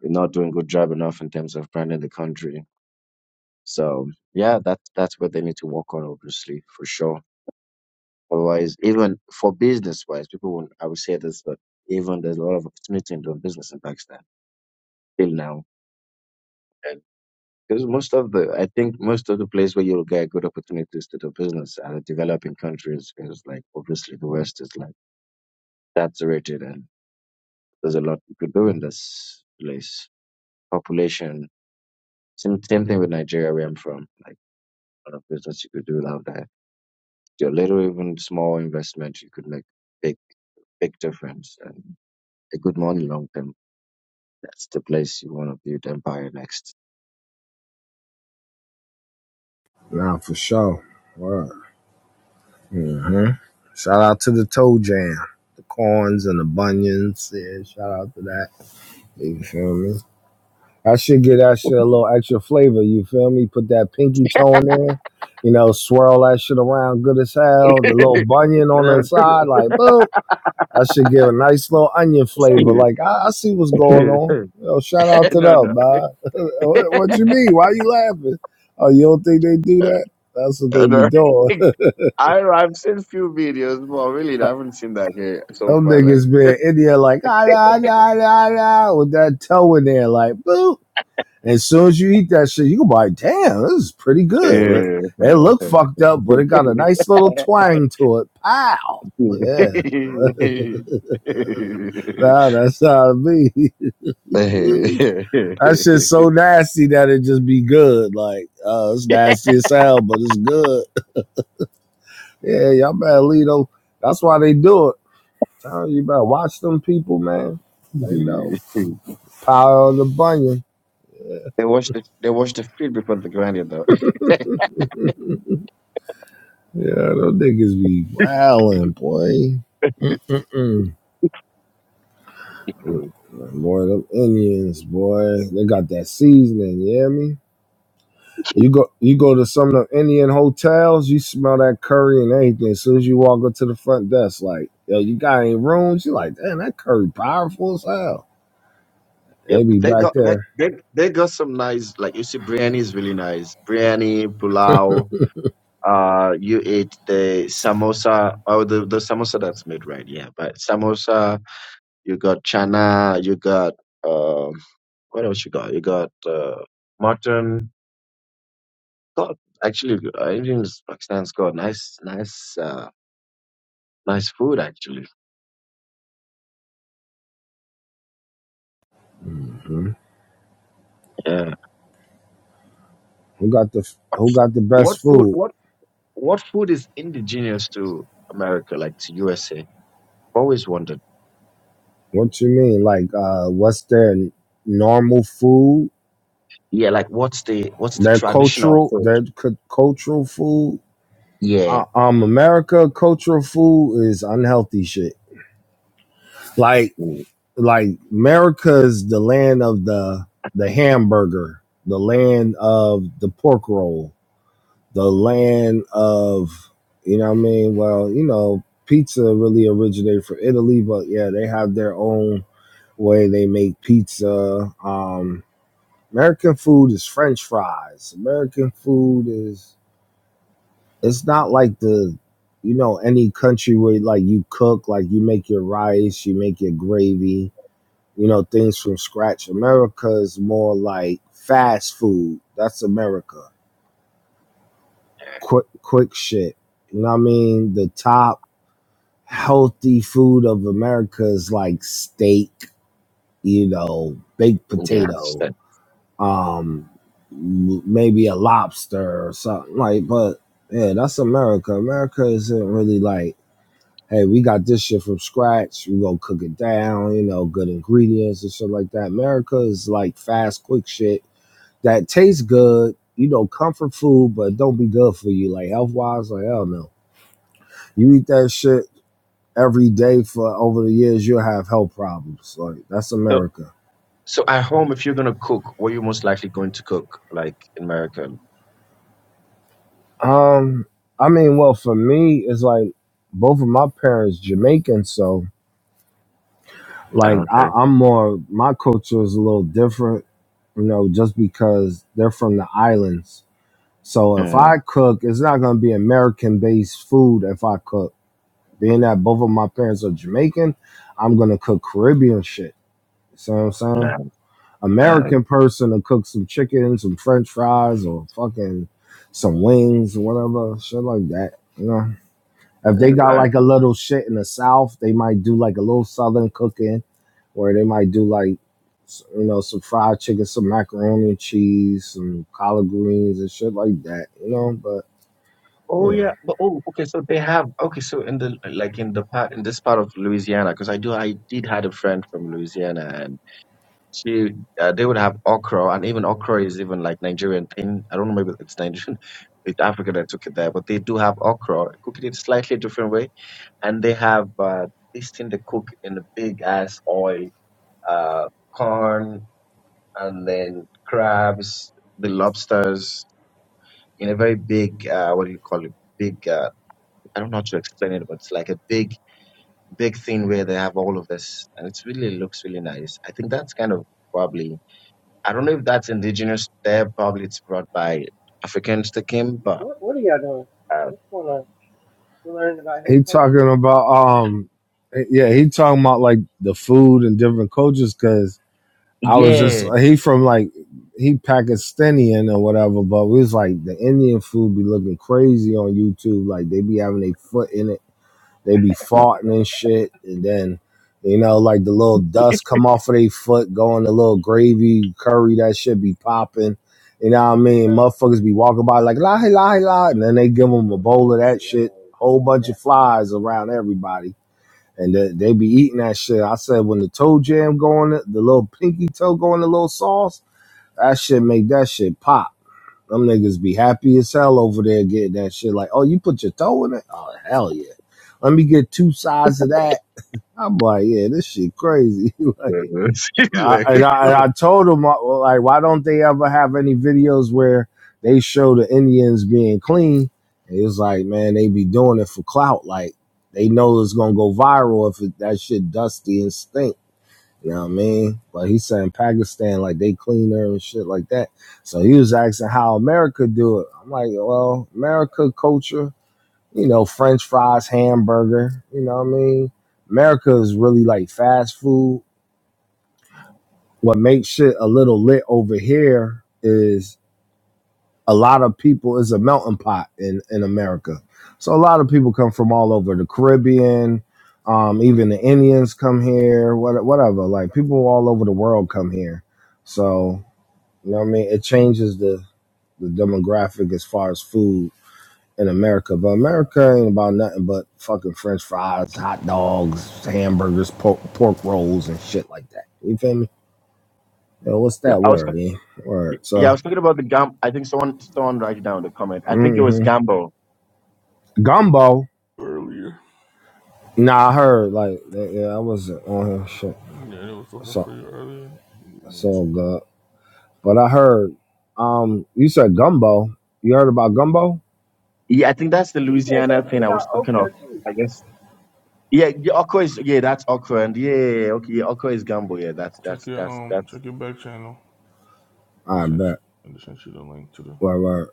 Speaker 10: we're not doing good job enough in terms of branding the country. So yeah, that's, that's what they need to work on, obviously, for sure. Otherwise, even for business wise, people won't, I would say this, but even there's a lot of opportunity in doing business in Pakistan till now. And because most of the, I think most of the place where you'll get good opportunities to do business are the developing countries, because like obviously the West is like saturated and there's a lot you could do in this place. Population. Same same thing with Nigeria where I'm from. Like a lot of business you could do without that. Your little even small investment you could make big big difference and a good money long term. That's the place you want to build empire next.
Speaker 1: nah, for sure. Word. hmm Shout out to the toe jam, the corns and the bunions. Yeah, shout out to that. You feel me? I should get that shit a little extra flavor. You feel me? Put that pinky toe in there. You know, swirl that shit around good as hell.
Speaker 10: no,
Speaker 1: The little bunion on
Speaker 10: no,
Speaker 1: the
Speaker 10: no.
Speaker 1: side, like boop. I should give a nice little onion flavor.
Speaker 10: no.
Speaker 1: Like I, I see what's going on. Yo, shout
Speaker 10: I
Speaker 1: out to them, man. what, what you mean? Why you laughing? Oh, you don't think they do that? That's what they be doing.
Speaker 10: I've seen few videos, but really I haven't seen that here so
Speaker 1: Them
Speaker 10: far. Like,
Speaker 1: niggas been in there like ah nah nah nah nah with that toe in there like boo. And as soon as you eat that shit, you can be like, damn, this is pretty good. It, it looked
Speaker 10: yeah.
Speaker 1: fucked up, but it got a nice little twang to it. Pow. Yeah.
Speaker 10: they
Speaker 1: Nah, that's how me. that shit's so nasty that it just be good. Like, uh, it's nasty as hell, but it's good. Yeah, y'all better leave those. That's why they do it. Uh, You better watch them people, man. They know. Power on the bunion.
Speaker 10: watch the they watch the field before the grind though.
Speaker 1: Yeah, those niggas be wildin', boy. Mm-mm. Boy, them Indians, boy, they got that seasoning. You hear me? You go, you go to some of the Indian hotels, you smell that curry and everything. As soon as you walk up to the front desk, like, yo, you got any rooms? You like, damn, that curry powerful as hell.
Speaker 10: Yeah,
Speaker 1: They be
Speaker 10: but they
Speaker 1: back
Speaker 10: got they,
Speaker 1: there.
Speaker 10: they they got some nice like you see biryani is really nice. Biryani, pulao. Uh, you eat the samosa or the the samosa that's made right, yeah. But samosa, you got chana, you got um, what else you got? You got uh, mutton. got actually uh, Indian's Pakistan's got nice nice uh, nice food actually. Yeah.
Speaker 1: Who got the Who got the
Speaker 10: What
Speaker 1: best
Speaker 10: food
Speaker 1: food?
Speaker 10: what what food is indigenous to America, like to USA? Always wondered.
Speaker 1: What you mean? Like, uh, what's their normal food?
Speaker 10: Yeah, like what's the what's the
Speaker 1: Their
Speaker 10: traditional
Speaker 1: cultural,
Speaker 10: food?
Speaker 1: their cu- cultural food
Speaker 10: Yeah.
Speaker 1: uh, um America cultural food is unhealthy shit. Like
Speaker 10: Mm,
Speaker 1: like America's the land of the the hamburger, the land of the pork roll, the land of you know what I mean. Well, you know, pizza really originated from Italy, but yeah, they have their own way they make pizza. Um, American food is French fries. American food is it's not like the you know any country where like you cook like you make your rice you make your gravy you know things from scratch america is more like fast food that's america quick quick shit you know what i mean the top healthy food of america is like steak you know baked
Speaker 10: yeah, I
Speaker 1: potato
Speaker 10: understand.
Speaker 1: um maybe a lobster or something like but yeah that's america america isn't really like hey, we got this shit from scratch. We gonna cook it down, you know, good ingredients and shit like that. America is like fast, quick shit that tastes good, you know, comfort food, but don't be good for you. Like health wise, like hell no. You eat that shit every day for over the years, you'll have health problems. Like that's
Speaker 10: So
Speaker 1: America.
Speaker 10: so at home if you're gonna cook, what are you most likely going to cook, like in America?
Speaker 1: Um, I mean, well, for me, it's like both of my parents Jamaican, so
Speaker 10: I
Speaker 1: like
Speaker 10: don't
Speaker 1: I,
Speaker 10: care.
Speaker 1: I'm more my culture is a little different you know, just because they're from the islands. So if
Speaker 10: Mm,
Speaker 1: I cook, it's not going to be American based food if I cook. Being that both of my parents are Jamaican, I'm going to cook Caribbean shit. You see what I'm saying?
Speaker 10: no,
Speaker 1: American person to cook some chicken, some french fries, or fucking some wings, or whatever, shit like that. You know? If they got
Speaker 10: uh,
Speaker 1: like a little shit in the South, they might do like a little Southern cooking, where they might do like, you know, some fried chicken, some macaroni and cheese, some collard greens and shit like that, you know. But
Speaker 10: Oh
Speaker 1: yeah,
Speaker 10: yeah, but oh okay. So they have okay. So in the like in the part in this part of Louisiana, because I do I did had a friend from Louisiana, and she uh, they would have okra, and even okra is even like Nigerian thing. I don't know, maybe it's Nigerian, it's Africa that took it there, but they do have okra, cook it in slightly different way, and they have uh, this thing they cook in a big ass oil, uh, corn, and then crabs, the lobsters in a very big uh, what do you call it? Big. Uh, I don't know how to explain it, but it's like a big, big thing where they have all of this, and it's really looks really nice. I think that's kind of probably I don't know if that's indigenous there. Probably it's brought by Africans that came, but
Speaker 12: What What are y'all doing?
Speaker 10: uh,
Speaker 12: What's going on? We learning about his
Speaker 1: he
Speaker 12: culture.
Speaker 1: talking about um, eh, yeah, he talking about like the food and different cultures because I was just
Speaker 10: yeah,
Speaker 1: he from like he Pakistani or whatever, but we was like the Indian food be looking crazy on YouTube, like they be having a foot in it They be
Speaker 10: no.
Speaker 1: farting and shit, and then you know, like the little dust come off of their foot, going the little gravy curry that shit be popping. You know what I mean? Motherfuckers be walking by like la hey, la hey, la, and then they give them a
Speaker 12: Uh
Speaker 1: bowl
Speaker 12: oh,
Speaker 1: of that shit,
Speaker 12: y'all.
Speaker 1: whole bunch of
Speaker 12: Yeah.
Speaker 1: flies around everybody, and they, they be eating that shit. I said when the toe jam going, the the little pinky toe going, the little sauce, that shit make that shit pop. Them niggas be happy as hell over there getting that shit. Like, oh, you put your toe in it? Oh, hell yeah. Let me get two sides of that. I'm like, yeah, this shit crazy. like, I,
Speaker 10: Like,
Speaker 1: and, I, and I told them, like, why don't they ever have any videos where they show the Indians being clean? And It was like, man, they be doing it for clout. Like, they know it's gonna go viral if it, that shit dusty and stink. You know what I mean? But he said in Pakistan, like they cleaner and shit like that. So he was asking how America do it. I'm like, well, America culture, you know, French fries, hamburger. You know what I mean? America is really like fast food. What makes shit a little lit over here is a lot of people is a melting pot in in America. So a lot of people come from all over the Caribbean. Um, even the Indians come here. What whatever. Like people all over the world come here. So you know what I mean. It changes the the demographic as far as food in America. But America ain't about nothing but fucking French fries, hot dogs, hamburgers, pork, pork rolls, and shit like that. You feel me? Yo, what's
Speaker 10: Yeah,
Speaker 1: that
Speaker 10: I was
Speaker 1: word? Eh? Word.
Speaker 10: yeah,
Speaker 1: So,
Speaker 10: I was thinking about the gam. I think someone someone write it down in the comment. I think it was
Speaker 1: hmm
Speaker 10: Gambo.
Speaker 1: gumbo.
Speaker 13: earlier.
Speaker 1: Nah, I heard like that, yeah, I wasn't on here. Shit,
Speaker 13: Yeah, they was looking
Speaker 1: so
Speaker 13: for you earlier. You went
Speaker 1: so
Speaker 13: to-
Speaker 1: good. But I heard, um, you said gumbo. You heard about gumbo?
Speaker 10: Yeah, I think that's the
Speaker 12: He said some
Speaker 10: Louisiana
Speaker 12: shit
Speaker 10: thing I was
Speaker 12: about
Speaker 10: talking
Speaker 12: Oprah
Speaker 10: of.
Speaker 12: too.
Speaker 10: I guess. Yeah, yeah, Oko is yeah, that's okra, and yeah, yeah, yeah, okay, yeah, Oko is Gambo. Yeah, that's
Speaker 13: Check
Speaker 10: that's
Speaker 13: your
Speaker 10: that's
Speaker 13: um,
Speaker 10: that's
Speaker 13: check your back channel. I
Speaker 1: I
Speaker 13: sent you,
Speaker 1: bet.
Speaker 13: I just sent you the link to the.
Speaker 1: Word, word.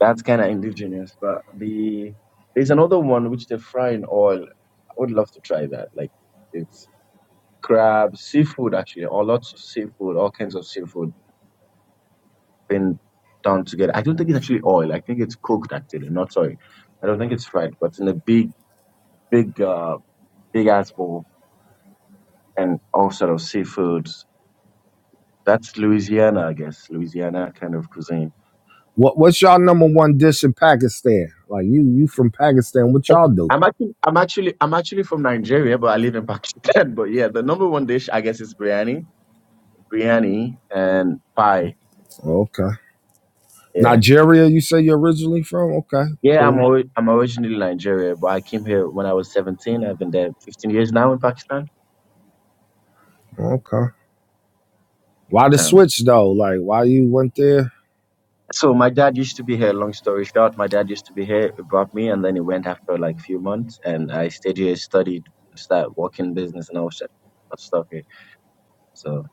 Speaker 10: That's kind of indigenous. But the there's another one which they fry in oil. I would love to try that. Like it's crab, seafood actually, or lots of seafood, all kinds of seafood been done together. I don't think it's actually oil. I think it's cooked actually, not sorry. I don't think it's fried, but in a big, big, uh, big ass bowl and all sort of seafoods. That's Louisiana, I guess. Louisiana kind of cuisine.
Speaker 1: What what's y'all number one dish in Pakistan? Like you you from Pakistan? What y'all do?
Speaker 10: I'm actually, I'm actually, I'm actually from Nigeria, but I live in Pakistan. But yeah, the number one dish, I guess, is biryani biryani and pie.
Speaker 1: Okay.
Speaker 10: Yeah.
Speaker 1: Nigeria. You say you're originally from? Okay,
Speaker 10: Yeah, I'm
Speaker 1: cool.
Speaker 10: ori- I'm originally Nigeria, but I came here when I was 17. I've been there 15 years now in Pakistan.
Speaker 1: Okay. Why the
Speaker 10: So,
Speaker 1: switch though? Like why you went there?
Speaker 10: so my dad used to be here. Long story short, my dad used to be here. He brought me, and then he went after like few months, and I stayed here, studied, started working business, and all that stuff here. So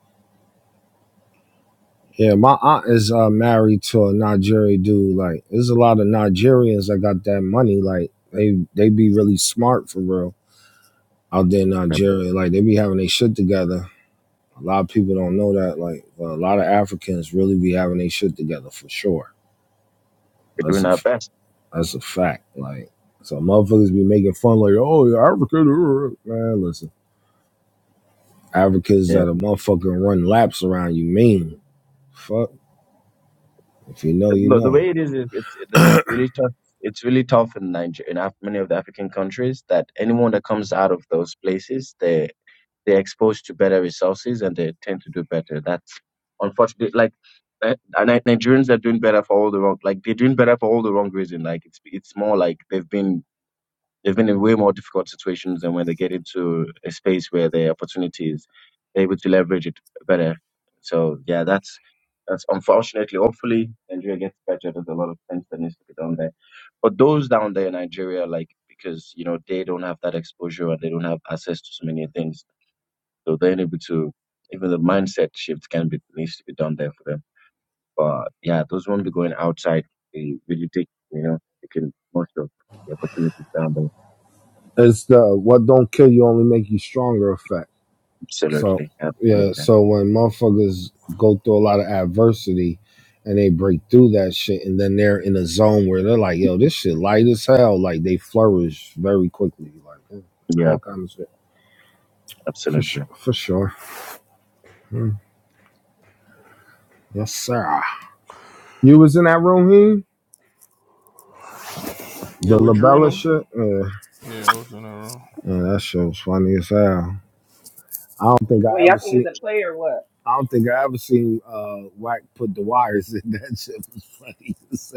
Speaker 1: Yeah, my aunt is uh, married to a Nigerian dude. Like, there's a lot of Nigerians that got that money. Like, they they be really smart for real out there in
Speaker 10: we're
Speaker 1: Nigeria. Like, they be having their shit together. A lot of people don't know that. Like, a lot of Africans really be having their shit together for sure.
Speaker 10: we're
Speaker 1: That's
Speaker 10: doing
Speaker 1: a
Speaker 10: our
Speaker 1: f-
Speaker 10: best.
Speaker 1: that's a fact. Like, so motherfuckers be making fun like, oh, you're African, uh, uh." man. Listen, Africans
Speaker 10: Yeah.
Speaker 1: that a motherfucking run laps around you mean. Fuck, if you know,
Speaker 10: The,
Speaker 1: you
Speaker 10: no, the
Speaker 1: know.
Speaker 10: way it is, is it's it, it's really tough. It's really tough in Nigeria, in Af- many of the African countries, that anyone that comes out of those places, they they're exposed to better resources and they tend to do better. That's unfortunately like uh, Ni- Nigerians are doing better for all the wrong like they're doing better for all the wrong reason. Like it's it's more like they've been they've been in way more difficult situations and when they get into a space where their opportunities they're able to leverage it better. So yeah, that's that's unfortunately. Hopefully Nigeria gets better. There's a lot of things that needs to be done there. But those down there in Nigeria, like because you know they don't have that exposure and they don't have access to so many things so they're able to even the mindset shift can be needs to be done there for them. But yeah, those won't be going outside. They really take you know they can most of the opportunities down there.
Speaker 1: It's the what don't kill you only make you stronger effect. So
Speaker 10: Absolutely,
Speaker 1: yeah,
Speaker 10: absolutely,
Speaker 1: so when motherfuckers go through a lot of adversity and they break through that shit and then they're in a zone where they're like, yo, this shit light as hell. Like they flourish very quickly. Like yeah,
Speaker 10: yeah,
Speaker 1: that kind of shit. For
Speaker 10: absolutely.
Speaker 1: sure, for sure. Yes, sir. You was in that room here?
Speaker 13: Yeah,
Speaker 1: The
Speaker 13: with Drew and
Speaker 1: labella
Speaker 13: them.
Speaker 1: shit? Yeah.
Speaker 13: Yeah, I was in that
Speaker 1: yeah, that shit was funny as hell. I don't think
Speaker 12: Well,
Speaker 1: I ever
Speaker 12: y'all think
Speaker 1: seen
Speaker 12: it's a play or what?
Speaker 1: I don't think I ever seen uh Wack put the wires in. That shit was funny.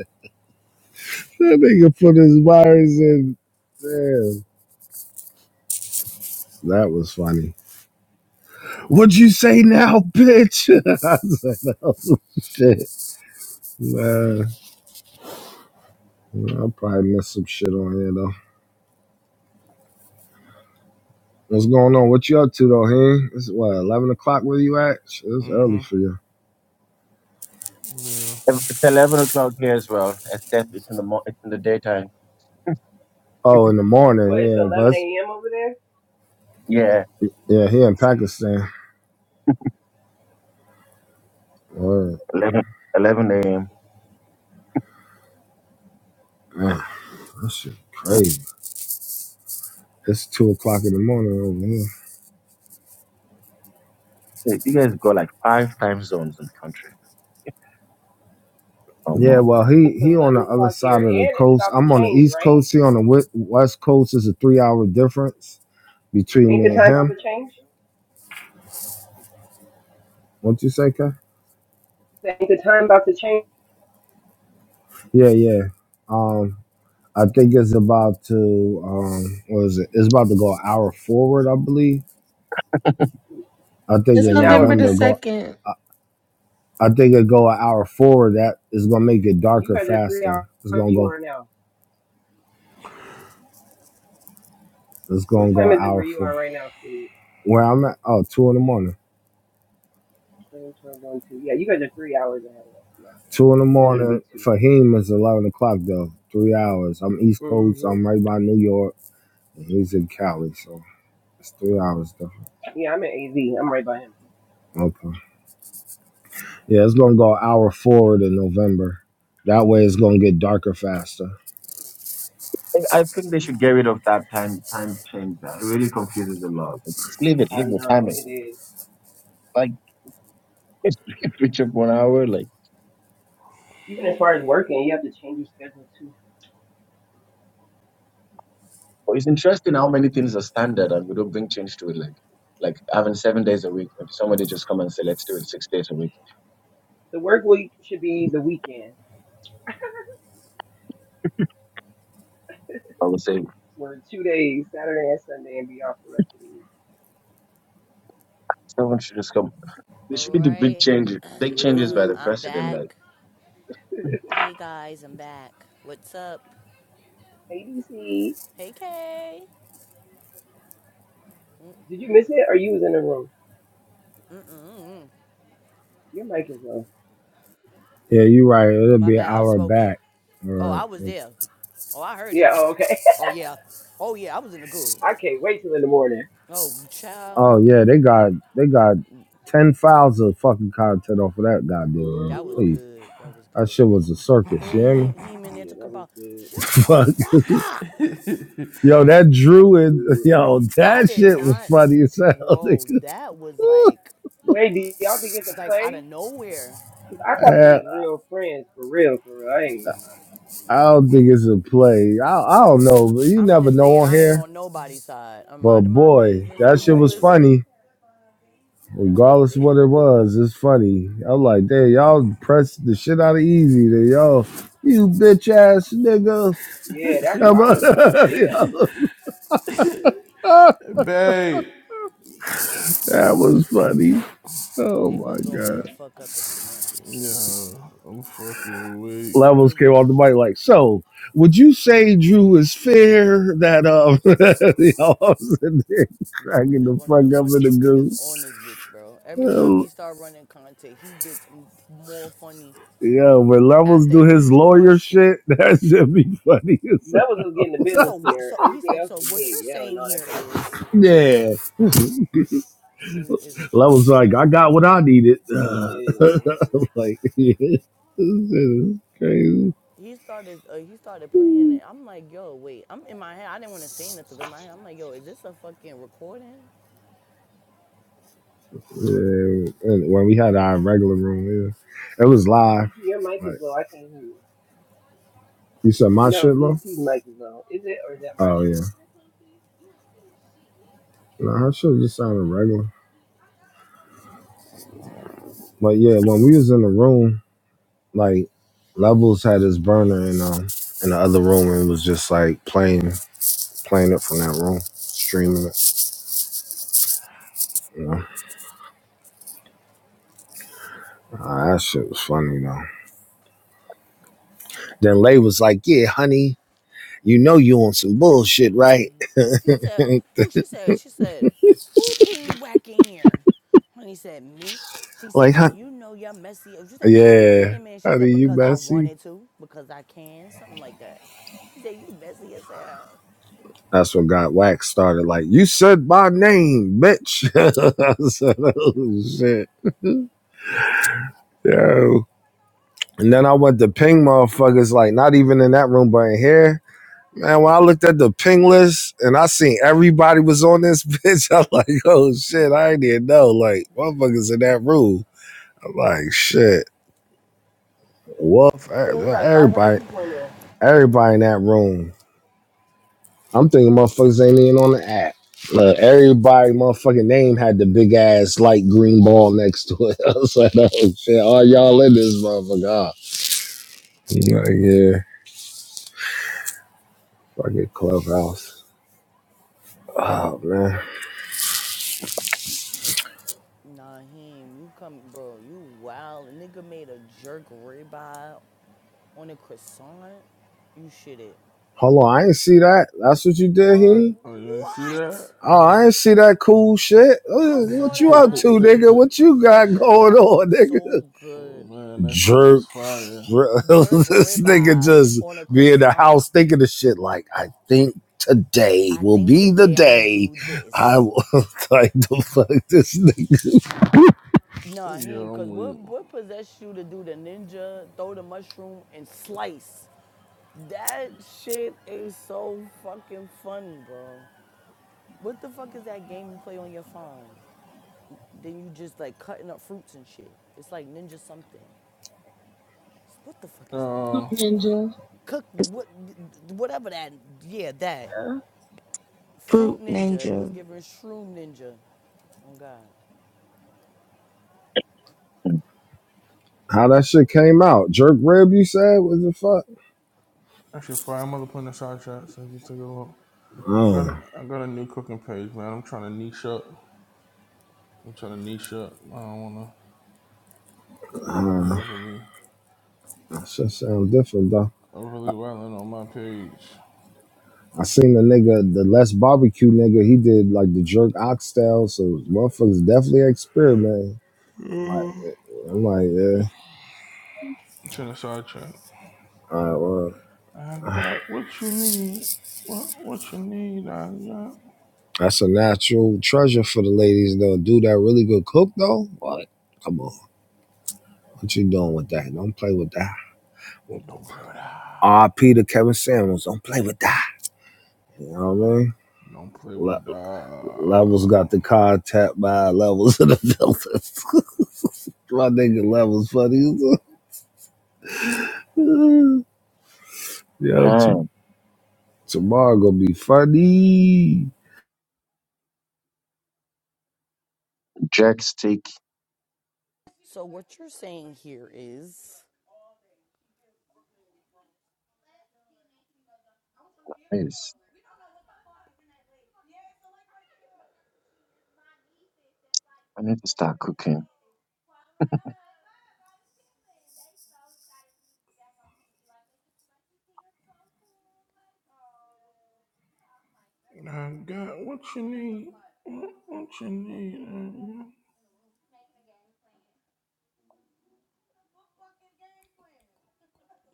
Speaker 1: That nigga put his wires in. Damn. That was funny. What'd you say now, bitch? I said, oh, shit. Man, I'll probably miss some shit on here, though. What's going on? What you up to, though, Hen? It's what, 11 o'clock where you at? Shit, It's early
Speaker 13: room.
Speaker 1: for you.
Speaker 13: Mm-hmm.
Speaker 10: It's eleven o'clock here as well. Except it's in the mo- it's in the daytime.
Speaker 1: Oh, in the
Speaker 12: Well,
Speaker 1: morning.
Speaker 12: it's
Speaker 1: Yeah, but
Speaker 12: 11
Speaker 1: it's-
Speaker 12: a.m. over there.
Speaker 10: Yeah,
Speaker 1: yeah, here in Pakistan. Word.
Speaker 10: eleven eleven a.m.
Speaker 1: Man, that shit crazy. It's 2 o'clock in the morning over here.
Speaker 10: Hey, You guys got like five time zones in the country or more.
Speaker 1: Yeah, well, he
Speaker 12: It's
Speaker 1: he on the
Speaker 12: 11
Speaker 1: other
Speaker 12: o'clock
Speaker 1: side
Speaker 12: here,
Speaker 1: of the
Speaker 12: and it's
Speaker 1: coast.
Speaker 12: about to
Speaker 1: I'm on the
Speaker 12: change,
Speaker 1: east
Speaker 12: right?
Speaker 1: coast. He on the we- west coast. Is a three hour difference between
Speaker 12: Ain't the
Speaker 1: me and
Speaker 12: time about
Speaker 1: him.
Speaker 12: to change?
Speaker 1: What you say, Kev?
Speaker 12: Ain't the time about to change?
Speaker 1: Yeah, yeah. Um, I think it's about to um, what is it? It's about to go an hour forward, I believe. I think
Speaker 11: It's
Speaker 1: in
Speaker 12: An hour
Speaker 11: November the
Speaker 1: November
Speaker 12: back.
Speaker 1: go.
Speaker 11: 2nd,
Speaker 1: I, I think it go an hour forward. That is gonna make it
Speaker 12: You
Speaker 1: darker
Speaker 12: guys are three
Speaker 1: faster.
Speaker 12: hours
Speaker 1: It's
Speaker 12: where
Speaker 1: gonna
Speaker 12: you
Speaker 1: go.
Speaker 12: are now.
Speaker 1: It's
Speaker 12: What
Speaker 1: gonna go
Speaker 12: time
Speaker 1: an
Speaker 12: is it
Speaker 1: hour
Speaker 12: where you
Speaker 1: forward.
Speaker 12: are right now, Steve?
Speaker 1: Where I'm at? Oh, two in the morning.
Speaker 12: 7, 12, 1, 2. Yeah, you guys are three hours ahead of us. Yeah.
Speaker 1: Two in the
Speaker 12: And then it'll
Speaker 1: morning
Speaker 12: be 2.
Speaker 1: for
Speaker 12: Yeah.
Speaker 1: him is eleven o'clock though. Three hours. I'm East Coast. So
Speaker 12: Mm-hmm.
Speaker 1: I'm right by New York, and he's in Cali, so it's three hours though.
Speaker 12: Yeah, I'm at AZ. I'm right by him.
Speaker 1: Okay. Yeah, it's gonna go an hour forward in November. That way, it's gonna get darker faster.
Speaker 10: I I think they should get rid of that time time change. That It really confuses a lot. Just leave it,
Speaker 12: I
Speaker 10: leave the time
Speaker 12: know
Speaker 10: it.
Speaker 12: it is.
Speaker 10: Like. it reach up one hour. Like,
Speaker 12: Even as far as working, you have to change your schedule too.
Speaker 10: but it's interesting how many things are standard and we don't bring change to it. Like, like having seven days a week. If somebody just come and say, let's do it six days a week,
Speaker 12: The work week should be the weekend.
Speaker 10: I would say
Speaker 12: Work two days, Saturday and Sunday, and be off the rest of the week.
Speaker 10: someone should just come. There should be the big change, big changes by
Speaker 12: Mm-hmm.
Speaker 10: the
Speaker 12: For
Speaker 10: president.
Speaker 12: real.
Speaker 10: Like,
Speaker 5: Hey, what's up?
Speaker 12: Hey, DC.
Speaker 5: Hey, Kay.
Speaker 12: Did you miss it or you was in the room?
Speaker 5: Mm-mm.
Speaker 12: Your mic is low.
Speaker 1: Yeah, you're right. It'll
Speaker 5: My
Speaker 1: be an
Speaker 5: bad. I'm
Speaker 1: hour
Speaker 5: smoking.
Speaker 1: back.
Speaker 5: Oh, I
Speaker 1: Or
Speaker 5: was there. Oh, I heard it.
Speaker 12: Yeah, oh, okay.
Speaker 5: Oh yeah. Oh yeah. I was in the good.
Speaker 12: I can't wait till in the morning.
Speaker 5: Oh child,
Speaker 1: oh yeah, they got they got ten files of fucking content off of that goddamn one.
Speaker 5: that was
Speaker 12: hmm
Speaker 1: Please,
Speaker 5: good. That was
Speaker 1: that
Speaker 5: good.
Speaker 1: shit was a circus.
Speaker 5: Yeah,
Speaker 1: You hear
Speaker 5: he
Speaker 1: me?
Speaker 5: he in there
Speaker 12: Yeah,
Speaker 5: took
Speaker 12: that was
Speaker 5: about.
Speaker 12: good.
Speaker 5: Shut the
Speaker 1: Fuck,
Speaker 5: fuck up.
Speaker 1: yo, that
Speaker 12: That
Speaker 1: Drew
Speaker 12: was
Speaker 1: and
Speaker 12: good.
Speaker 1: yo,
Speaker 5: I
Speaker 1: that
Speaker 5: did
Speaker 1: shit was
Speaker 5: not,
Speaker 1: funny as hell. They
Speaker 5: bro. That was like
Speaker 12: Wait, do y'all think it's a
Speaker 5: like out
Speaker 12: play?
Speaker 5: of nowhere.
Speaker 12: 'Cause I thought they
Speaker 1: Uh,
Speaker 12: was real friends, for real, for real. I ain't gonna lie.
Speaker 1: I don't think it's a play. I, I don't know. but You
Speaker 5: I'm
Speaker 1: never
Speaker 5: just
Speaker 1: know
Speaker 5: saying
Speaker 1: on
Speaker 5: I ain't
Speaker 1: here.
Speaker 5: on nobody's side. I'm
Speaker 1: But
Speaker 5: minding my
Speaker 1: boy,
Speaker 5: business.
Speaker 1: that
Speaker 5: I'm
Speaker 12: Yeah,
Speaker 1: shit
Speaker 12: I
Speaker 5: just
Speaker 12: ain't
Speaker 1: was
Speaker 12: gonna lie.
Speaker 5: listening.
Speaker 1: funny.
Speaker 5: Nah, they
Speaker 1: Regardless
Speaker 5: they
Speaker 1: of what
Speaker 5: was
Speaker 1: it
Speaker 5: going. Uh.
Speaker 1: was, it's funny. I'm like, damn, y'all pressed the shit out of easy. Then y'all, you bitch ass nigga,
Speaker 12: Yeah, that's
Speaker 1: come
Speaker 12: why I
Speaker 1: on.
Speaker 12: was
Speaker 13: Yeah.
Speaker 12: like, yeah.
Speaker 13: Babe.
Speaker 1: that was funny. Oh
Speaker 5: They
Speaker 1: my
Speaker 5: was going the
Speaker 1: god.
Speaker 5: fuck up up in there.
Speaker 13: Yeah, I'm fucking weak.
Speaker 1: Levels came
Speaker 5: Nigga,
Speaker 1: off the
Speaker 5: he,
Speaker 1: mic like, so would you say Drew is fair that um y'all was in there
Speaker 5: that
Speaker 1: cracking
Speaker 5: is
Speaker 1: the
Speaker 5: one of
Speaker 1: fuck
Speaker 5: the
Speaker 1: up in the
Speaker 5: funniest niggas
Speaker 1: goose?
Speaker 5: on this bitch, bro. Every time
Speaker 1: I'm
Speaker 5: he start running content, he gets m- more funny
Speaker 1: Yeah, when Levels
Speaker 5: after
Speaker 1: do his
Speaker 5: each
Speaker 1: lawyer
Speaker 5: question.
Speaker 1: shit, that should be funny. as
Speaker 12: That
Speaker 1: hell.
Speaker 12: was just getting the
Speaker 5: So
Speaker 12: business
Speaker 5: what?
Speaker 12: there.
Speaker 5: So he
Speaker 12: Everything
Speaker 5: said.
Speaker 12: else
Speaker 5: So
Speaker 12: was
Speaker 5: what
Speaker 12: being
Speaker 5: you're
Speaker 12: yelled and
Speaker 5: saying
Speaker 12: all that
Speaker 5: here
Speaker 12: type of shit.
Speaker 5: is
Speaker 1: Yeah.
Speaker 5: this nigga is fucking
Speaker 1: Levels like, I got
Speaker 5: hilarious.
Speaker 1: what I needed. Uh,
Speaker 12: Yeah.
Speaker 1: I'm like, yeah, this shit is crazy.
Speaker 5: He started. Uh, he started playing it. I'm like, yo, wait. I'm in my head. I didn't want to say nothing, but in my head, I'm like, yo, is this a fucking recording?
Speaker 1: Yeah, and when we had our regular room, yeah, it was live.
Speaker 12: DC, your mic
Speaker 1: Like
Speaker 12: is low. I can't hear you.
Speaker 1: you said, my
Speaker 12: No,
Speaker 1: shit, bro.
Speaker 12: DC's mic is low. Is it or is that my
Speaker 1: Oh yeah,
Speaker 12: shit?
Speaker 1: no, her shit just sounded regular. But yeah, when we was in the room, like Levels had his burner in um in the other room and was just like playing playing it from that room, streaming. it. You know? Ah, that shit was funny though. Then Lay was like, "Yeah, honey, you know you on some bullshit, right?"
Speaker 5: He said, who? She said, she said, who ping whacking here? And he said, me. She said,
Speaker 1: like,
Speaker 5: now
Speaker 1: huh?
Speaker 5: you know you're messy. She said, why you
Speaker 1: Yeah,
Speaker 5: pinging me? She said,
Speaker 1: honey, you
Speaker 5: because I
Speaker 1: messy.
Speaker 5: wanted to, because I can, something like that. He said, you messy as hell.
Speaker 1: That's what got Wax started. Like, you said my name, bitch. I said, oh shit, yo. And then I went to ping motherfuckers, like not even in that room, but in here. Man, when I looked at the ping list and I seen everybody was on this bitch, I'm like, oh shit, I didn't know. Like, motherfuckers in that room. Like shit, Wolf. e-
Speaker 12: Yeah, it was like 500
Speaker 1: Everybody,
Speaker 12: people in there.
Speaker 1: everybody in that room. I'm thinking motherfuckers ain't even on the app. Look, everybody, motherfucking name had the big ass light green ball next to it. I was like, oh shit, all y'all in this motherfucker? Like, yeah, yeah. fucking clubhouse. Oh man,
Speaker 5: Nah, him, you come, bro, you wild. Nigga made a jerk ribeye on a croissant. You shit it.
Speaker 1: hold on, I ain't see that. That's what you did,
Speaker 5: Word,
Speaker 1: he.
Speaker 13: Oh, you didn't see that?
Speaker 5: what?
Speaker 13: I
Speaker 1: Oh, I
Speaker 13: didn't.
Speaker 1: ain't see that cool shit.
Speaker 5: I
Speaker 13: oh,
Speaker 1: Uh,
Speaker 5: saw
Speaker 1: What you
Speaker 5: that.
Speaker 1: up
Speaker 5: I,
Speaker 1: to,
Speaker 5: s-
Speaker 1: nigga? What
Speaker 5: I
Speaker 1: you
Speaker 5: said,
Speaker 1: got
Speaker 5: yo,
Speaker 1: going
Speaker 5: that
Speaker 1: on,
Speaker 5: looks
Speaker 1: nigga?
Speaker 5: so good.
Speaker 13: man, that shit
Speaker 1: Jerk.
Speaker 13: was fire.
Speaker 1: bro,
Speaker 5: jerk
Speaker 1: this nigga
Speaker 5: ribeye
Speaker 1: just
Speaker 5: on a
Speaker 1: be in the
Speaker 5: croissant.
Speaker 1: house thinking of shit like, I think today
Speaker 5: I
Speaker 1: will
Speaker 5: think
Speaker 1: be the
Speaker 5: today I'm gonna
Speaker 1: day
Speaker 5: do
Speaker 1: I
Speaker 5: this.
Speaker 1: will like the fuck this nigga.
Speaker 5: Nah, he
Speaker 13: Yeah,
Speaker 5: ain't, cause
Speaker 13: I'm
Speaker 5: what
Speaker 13: weak.
Speaker 5: what possessed you to do the ninja, throw the mushroom and slice? That shit is so fucking funny, bro. What the fuck is that game you play on your phone? Then you just like cutting up fruits and shit. It's like ninja something. What the fuck is that game?
Speaker 13: Uh.
Speaker 11: Ninja.
Speaker 5: Cook
Speaker 6: It's
Speaker 5: what whatever that yeah, that.
Speaker 6: Fruit
Speaker 5: Fruit ninja. It was
Speaker 6: Ninja.
Speaker 5: given shroom ninja. Oh god.
Speaker 10: mm,
Speaker 1: How that shit came out? Jerk rib, you said? What the fuck?
Speaker 13: Actually, fire mother put in the side chat so you can take a look. I got
Speaker 1: Oh,
Speaker 13: a, I got a new cooking page, man. I'm trying to niche up. I'm trying to niche up. I don't want to be
Speaker 1: uh,
Speaker 13: overly
Speaker 1: that shit sound different though.
Speaker 13: overly violent on my page.
Speaker 1: I seen the nigga, the less barbecue nigga, he did like the jerk oxtail, so motherfuckers definitely experimenting. Like, I'm like, yeah,
Speaker 13: It's in the side chat.
Speaker 1: all right, well.
Speaker 13: I got what you need. What what you need? I got.
Speaker 1: That's a natural treasure for the ladies though. Dude, that really good cook though? What? Come on. What you doing with that? Don't play with that.
Speaker 13: Don't play with that.
Speaker 1: R.P. to Kevin Samuels. Don't play with that. You know what I mean?
Speaker 13: Don't play
Speaker 1: Le-
Speaker 13: with
Speaker 1: levels
Speaker 13: that.
Speaker 1: got the car tapped by levels in the building. My nigga levels funny. Yo,
Speaker 10: ah,
Speaker 1: t- tomorrow gonna be funny.
Speaker 10: jerk steak.
Speaker 5: So what you're saying here is
Speaker 10: Yes, I need to start cooking.
Speaker 13: I got what you need. What, what you need? I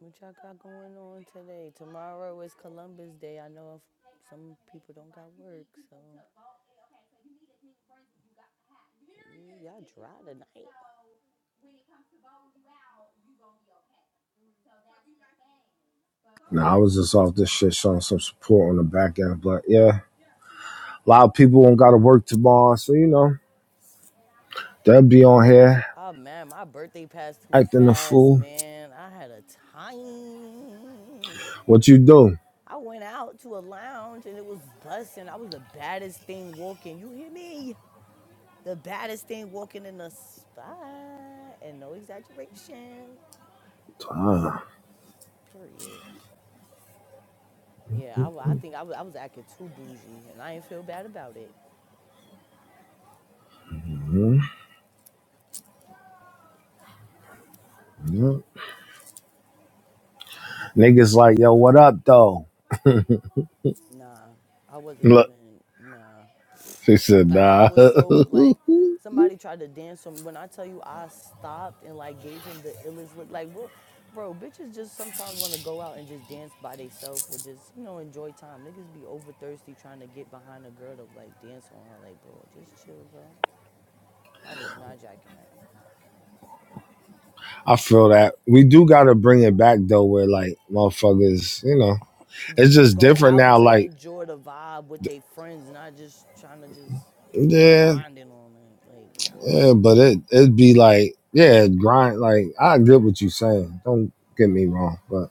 Speaker 5: what y'all got going on today? Tomorrow is Columbus Day. I know if some people don't got work, so Mm, y'all dry tonight.
Speaker 1: Nah, I was just off this shit showing some support on the back end, but yeah, a lot of people do not gotta work tomorrow, so you know they'll be on here.
Speaker 5: Oh man, my birthday passed too
Speaker 1: acting a
Speaker 5: fast,
Speaker 1: fool.
Speaker 5: man. I had a time.
Speaker 1: What you do?
Speaker 5: I went out to a lounge and it was busting. I was the baddest thing walking. You hear me? The baddest thing walking in the spot, and no exaggeration.
Speaker 1: Ah,
Speaker 5: Period. Yeah, I, I think I was, I was acting too bougie, and I didn't feel bad about it.
Speaker 1: mhm, yeah. Niggas like, yo, what up though?
Speaker 5: Nah, I wasn't
Speaker 1: Look,
Speaker 5: even nah.
Speaker 1: he said,
Speaker 5: Like I
Speaker 1: nah.
Speaker 5: was so like somebody tried to dance on me. When I tell you, I stopped and like gave him the illest look. Like bro, bro, bitches just sometimes want to go out and just dance by themselves or just you know enjoy time. Niggas be over thirsty trying to get behind a girl to like dance on her. Like bro, just chill, bro. I was not jacking that.
Speaker 1: I feel that we do gotta bring it back though, where like motherfuckers, you know, it's
Speaker 5: just
Speaker 1: just
Speaker 5: go
Speaker 1: different
Speaker 5: out
Speaker 1: now.
Speaker 5: to
Speaker 1: Like,
Speaker 5: enjoy the vibe with their friends, not just trying to just be
Speaker 1: yeah,
Speaker 5: grinding on it. Like, nah.
Speaker 1: yeah, but it it'd be like, yeah, grind. Like, I get what you saying. Don't get me wrong, but.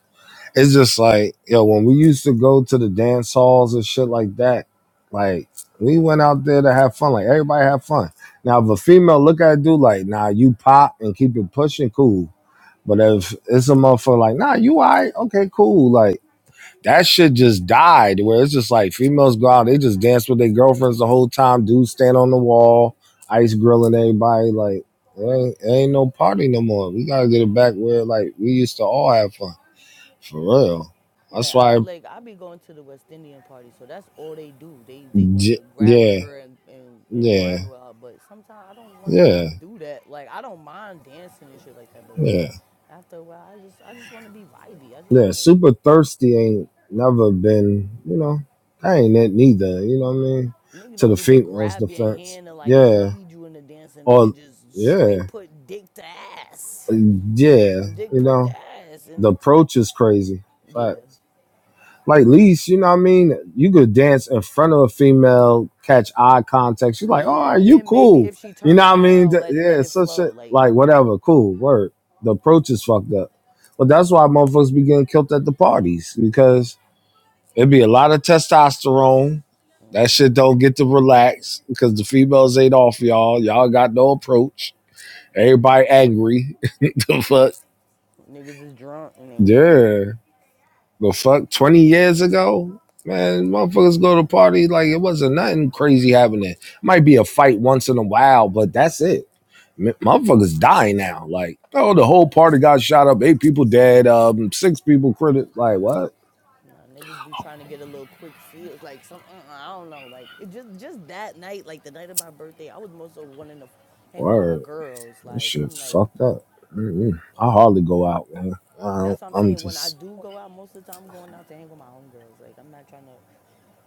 Speaker 1: it's just like yo when we used to go to the dance halls and shit like that like we went out there to have fun like everybody had fun now if a female look at a dude like nah you pop and keep it pushing cool but if it's a motherfucker like nah you all right okay cool like that shit just died where it's just like females go out they just dance with their girlfriends the whole time dudes stand on the wall ice grilling everybody like it ain't, it ain't no party no more we gotta get it back where like we used to all have fun for real. That's
Speaker 5: That I
Speaker 1: why,
Speaker 5: like, I be going to the West Indian party, so that's all they do. They they want to
Speaker 1: j-
Speaker 5: grab a
Speaker 1: yeah,
Speaker 5: girl and, and and
Speaker 1: yeah,
Speaker 5: wine with her, but sometimes I don't want to
Speaker 1: yeah,
Speaker 5: do that. Like, I don't mind dancing and shit like that, but like
Speaker 1: yeah,
Speaker 5: after a while, I just I just want to be vibey. I just
Speaker 1: yeah.
Speaker 5: want to
Speaker 1: Super thirsty ain't never been, you know, I ain't it neither, you know what I mean?
Speaker 5: Nigga
Speaker 1: To
Speaker 5: don't
Speaker 1: the
Speaker 5: even
Speaker 1: female's
Speaker 5: grab your
Speaker 1: defense.
Speaker 5: hand and like
Speaker 1: Yeah.
Speaker 5: lead you in the dance. And
Speaker 1: Or,
Speaker 5: nigga just straight
Speaker 1: yeah,
Speaker 5: put dick to ass.
Speaker 1: yeah,
Speaker 5: Dick
Speaker 1: you
Speaker 5: print to
Speaker 1: know, the approach is crazy. Fact.
Speaker 5: Yeah,
Speaker 1: Like least, you know what I mean? You could dance in front of a female, catch eye contact. She's like, "Oh, are you
Speaker 5: Then
Speaker 1: cool?"
Speaker 5: she
Speaker 1: You
Speaker 5: turn
Speaker 1: know what I mean?
Speaker 5: around,
Speaker 1: Th-
Speaker 5: let it.
Speaker 1: Yeah, it's such a like whatever. Cool word. The approach is fucked up, but that's why motherfuckers be getting killed at the parties because it be a lot of testosterone. That shit don't get to relax because the females ain't off y'all. Y'all got no approach. Everybody angry. the fuck? Yeah. The fuck, twenty years ago, man, motherfuckers go to parties like it wasn't nothing crazy happening. Might be a fight once in a while, but that's it. M- Motherfuckers die now. Like, oh, the whole party got shot up. Eight people dead. Um, six people criti Like, what?
Speaker 5: Niggas be trying to get a little quick feels, like some. Uh, uh, I don't know, like it just just that night, like the night of my birthday, I was most of wanting to f- hang with my
Speaker 1: Word.
Speaker 5: girls.
Speaker 1: This
Speaker 5: Like
Speaker 1: shit
Speaker 5: I'm like,
Speaker 1: fucked up. Mm-mm. I hardly go out, man. I don't,
Speaker 5: that's what I'm
Speaker 1: I'm
Speaker 5: saying. When I
Speaker 1: just,
Speaker 5: do go out, most of the time I'm going out to hang with my own girls. Like I'm not trying to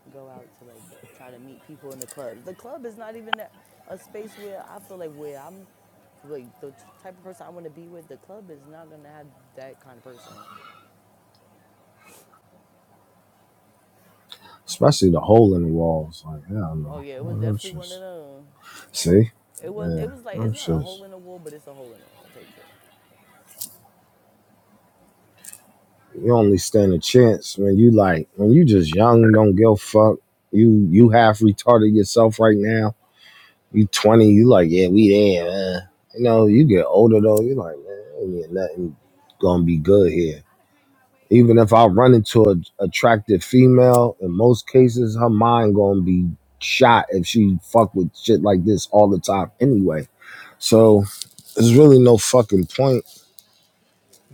Speaker 5: go out to like try to meet people in the clubs. The club is not even that, a space where I feel like where I'm like the t- type of person I want to be with. The club is not gonna have that kind of person.
Speaker 1: especially the hole in the walls. Like, hell
Speaker 5: Oh
Speaker 1: no.
Speaker 5: yeah, it was
Speaker 1: Oh, that's
Speaker 5: definitely one of
Speaker 1: just,
Speaker 5: them.
Speaker 1: see?
Speaker 5: It was
Speaker 1: Yeah.
Speaker 5: it was like it's
Speaker 1: that's
Speaker 5: not a
Speaker 1: just.
Speaker 5: hole in the wall, but it's a hole in the wall type shit.
Speaker 1: you only stand a chance when you like when you just young, don't give a fuck. You you half retarded yourself right now. You twenty, you like, yeah, we there, man. You know, you get older though, you like, man, ain't nothing gonna be good here. Even if I run into an attractive female, in most cases, her mind gonna be shot if she fuck with shit like this all the time anyway. So there's really no fucking point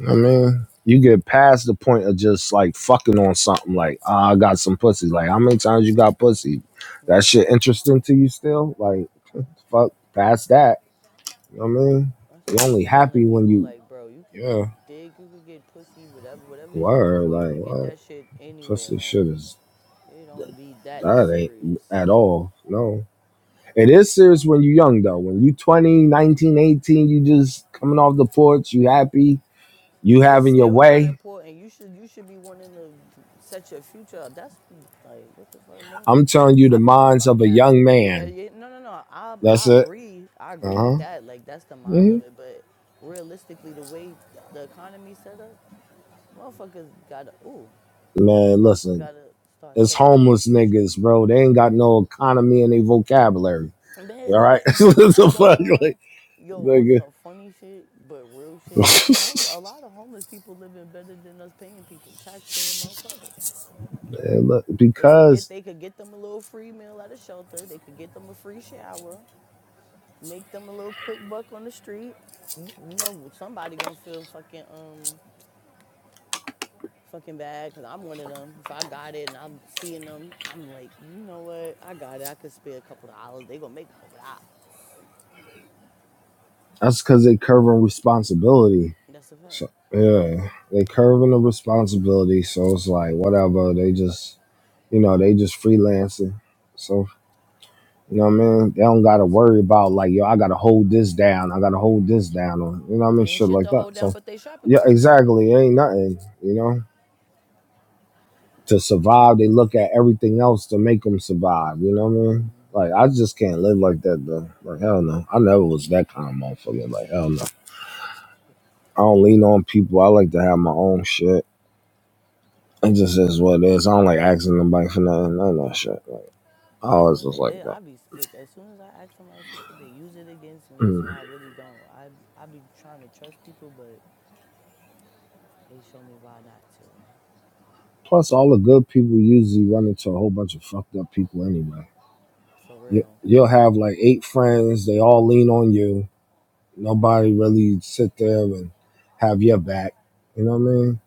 Speaker 1: I mean, you get past the point of just like fucking on something like, ah, I got some pussy. Like, how many times you got pussy? That
Speaker 5: Right.
Speaker 1: shit interesting to you still? Like, fuck, past that. You know what I mean?
Speaker 5: That's
Speaker 1: you
Speaker 5: why I be
Speaker 1: only
Speaker 5: telling
Speaker 1: happy when
Speaker 5: people
Speaker 1: you,
Speaker 5: like, bro, you could
Speaker 1: yeah,
Speaker 5: get dick, you could get pussy, whatever, whatever you looking
Speaker 1: word.
Speaker 5: for, you
Speaker 1: Like,
Speaker 5: could get
Speaker 1: what?
Speaker 5: that shit anywhere.
Speaker 1: Pussy
Speaker 5: Like,
Speaker 1: shit is,
Speaker 5: it don't be that
Speaker 1: that ain't
Speaker 5: serious.
Speaker 1: at all. No. It is serious when you are young though. When you 20, 19, 18, you just coming off the porch, you happy, you
Speaker 5: It's
Speaker 1: having your
Speaker 5: still not
Speaker 1: way.
Speaker 5: important. You should you should be wanting to set your future up. That's like what the fuck, Mo?
Speaker 1: I'm telling you the
Speaker 5: I'm talking
Speaker 1: minds of
Speaker 5: about
Speaker 1: a
Speaker 5: now.
Speaker 1: young
Speaker 5: Yeah,
Speaker 1: man.
Speaker 5: yeah, no, no, no. I
Speaker 1: That's
Speaker 5: I
Speaker 1: it.
Speaker 5: agree. I
Speaker 1: Uh
Speaker 5: agree with
Speaker 1: huh.
Speaker 5: that. Like that's the minds
Speaker 1: hmm
Speaker 5: of it, but realistically, the way the economy set up, Motherfuckers gotta ooh.
Speaker 1: Man,
Speaker 5: Motherfuckers
Speaker 1: listen,
Speaker 5: gotta start
Speaker 1: it's
Speaker 5: setting up their
Speaker 1: homeless
Speaker 5: future.
Speaker 1: niggas, bro. They ain't got no economy in their vocabulary. All
Speaker 5: Man,
Speaker 1: right,
Speaker 5: th- I ain't
Speaker 1: the
Speaker 5: gonna
Speaker 1: fuck,
Speaker 5: lie.
Speaker 1: like,
Speaker 5: Yo, on
Speaker 1: nigga.
Speaker 5: some funny shit, but real shit. Home, a lot of homeless people living better than us paying people, tax paying motherfuckers.
Speaker 1: Man, look,
Speaker 5: They could get,
Speaker 1: because
Speaker 5: they could get them a little free meal at a shelter. They could get them a free shower. Make them a little quick buck on the street. You you know, somebody gonna feel fucking um fucking bad because I'm one of them. If I got it and I'm seeing them, I'm like, you know what? I got it. I could spare a couple of dollars. They gonna make a couple of dollars.
Speaker 1: that's because they curving responsibility.
Speaker 5: That's a fact.
Speaker 1: So yeah, they curving the responsibility. So it's like whatever. They just you know they just freelancing. So. You know what
Speaker 5: I
Speaker 1: I
Speaker 5: got this
Speaker 1: mean? They
Speaker 5: damn
Speaker 1: don't gotta worry
Speaker 5: popsicle.
Speaker 1: about like, yo, I gotta hold this down, I gotta hold this down, or you know what I mean,
Speaker 5: Ain't
Speaker 1: shit
Speaker 5: shit
Speaker 1: like
Speaker 5: to
Speaker 1: that.
Speaker 5: hold down
Speaker 1: So
Speaker 5: but they shopping
Speaker 1: yeah,
Speaker 5: cart.
Speaker 1: exactly. It ain't nothing, you know. To survive, they look at everything else to make them survive. You know what I mean?
Speaker 5: Mhm.
Speaker 1: Like I just can't live like that though. Like hell no, I never was that kind of motherfucker. Like hell no, I don't lean on people. I like to have my own shit. It just is what it is. I don't like asking nobody for nothing, none of that shit. Like I always
Speaker 5: Soon
Speaker 1: was like
Speaker 5: eh,
Speaker 1: that.
Speaker 5: I be scared. As soon as I ask somebody for something, they use it against me.
Speaker 1: Mm.
Speaker 5: That's why I really don't. I I be trying to trust people, but they show me why not to.
Speaker 1: Plus, all the good people usually run into a whole bunch of fucked up people anyway.
Speaker 5: For
Speaker 1: You,
Speaker 5: real.
Speaker 1: you'll have like eight friends, they all lean on you. Nobody really sit there and have your back. You know what I mean?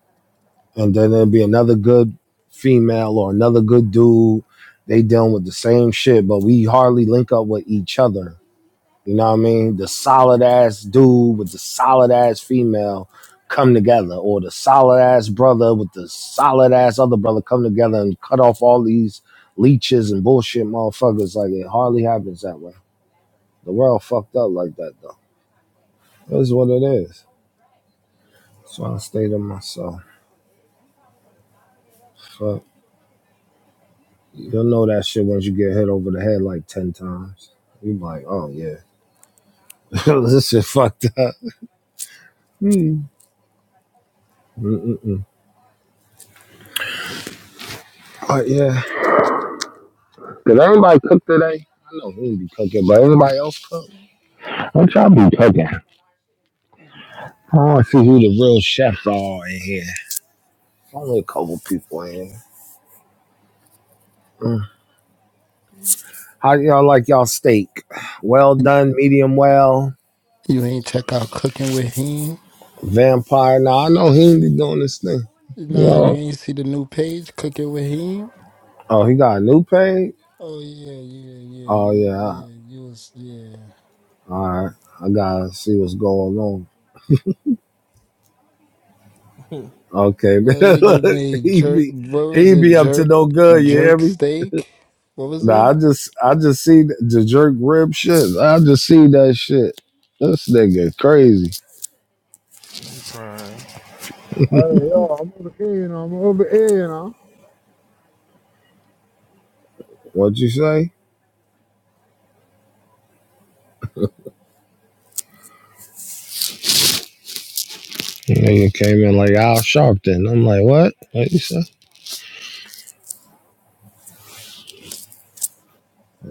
Speaker 1: And then there'll be another good female or another good dude. They dealing with the same shit, but we hardly link up with each other. You know what I mean? The solid ass dude with the solid ass female come together, or the solid ass brother with the solid ass other brother come together and cut off all these leeches and bullshit motherfuckers. Like it hardly happens that way. The world fucked up like that though. It is what it is. So I stay to myself. Fuck. You'll know that shit once you get hit over the head like ten times. You are like, oh yeah, this shit fucked up. Mm-mm-mm. But yeah. Did anybody cook today? I know he be cooking, but anybody else cook? What y'all be cooking? I want to see who the real chefs are in here. Only a couple people in here. Mm. How y'all like y'all steak? Well
Speaker 9: yeah.
Speaker 1: done, medium well,
Speaker 9: You ain't check out Cooking with Him?
Speaker 1: vampire. Now I know he be doing this thing. You
Speaker 9: Nah, you
Speaker 1: know?
Speaker 9: ain't see the new page Cooking with Him?
Speaker 1: Oh, he got a new page?
Speaker 9: Oh yeah, yeah, yeah,
Speaker 1: Oh
Speaker 9: you,
Speaker 1: yeah.
Speaker 9: yeah, you was yeah.
Speaker 1: All right. I gotta see what's going on.
Speaker 13: got, bitch.
Speaker 1: Okay,
Speaker 9: A
Speaker 1: man.
Speaker 9: nigga
Speaker 1: Look,
Speaker 9: made
Speaker 1: he
Speaker 9: jerk.
Speaker 1: be
Speaker 9: What was
Speaker 1: he
Speaker 9: it?
Speaker 1: be up to
Speaker 9: Jerk,
Speaker 1: no good. You hear
Speaker 9: jerk
Speaker 1: me?
Speaker 9: steak. What was
Speaker 1: Nah,
Speaker 13: bitch.
Speaker 1: I
Speaker 9: it?
Speaker 1: just I just see the, the jerk rib shit. I just see that shit. This nigga crazy.
Speaker 13: I'm crying.
Speaker 14: Hey, yo, I'm over here, you know. I'm over here, you
Speaker 1: What you say? Nigga came in like Al Sharpton. I'm like, what? What you say?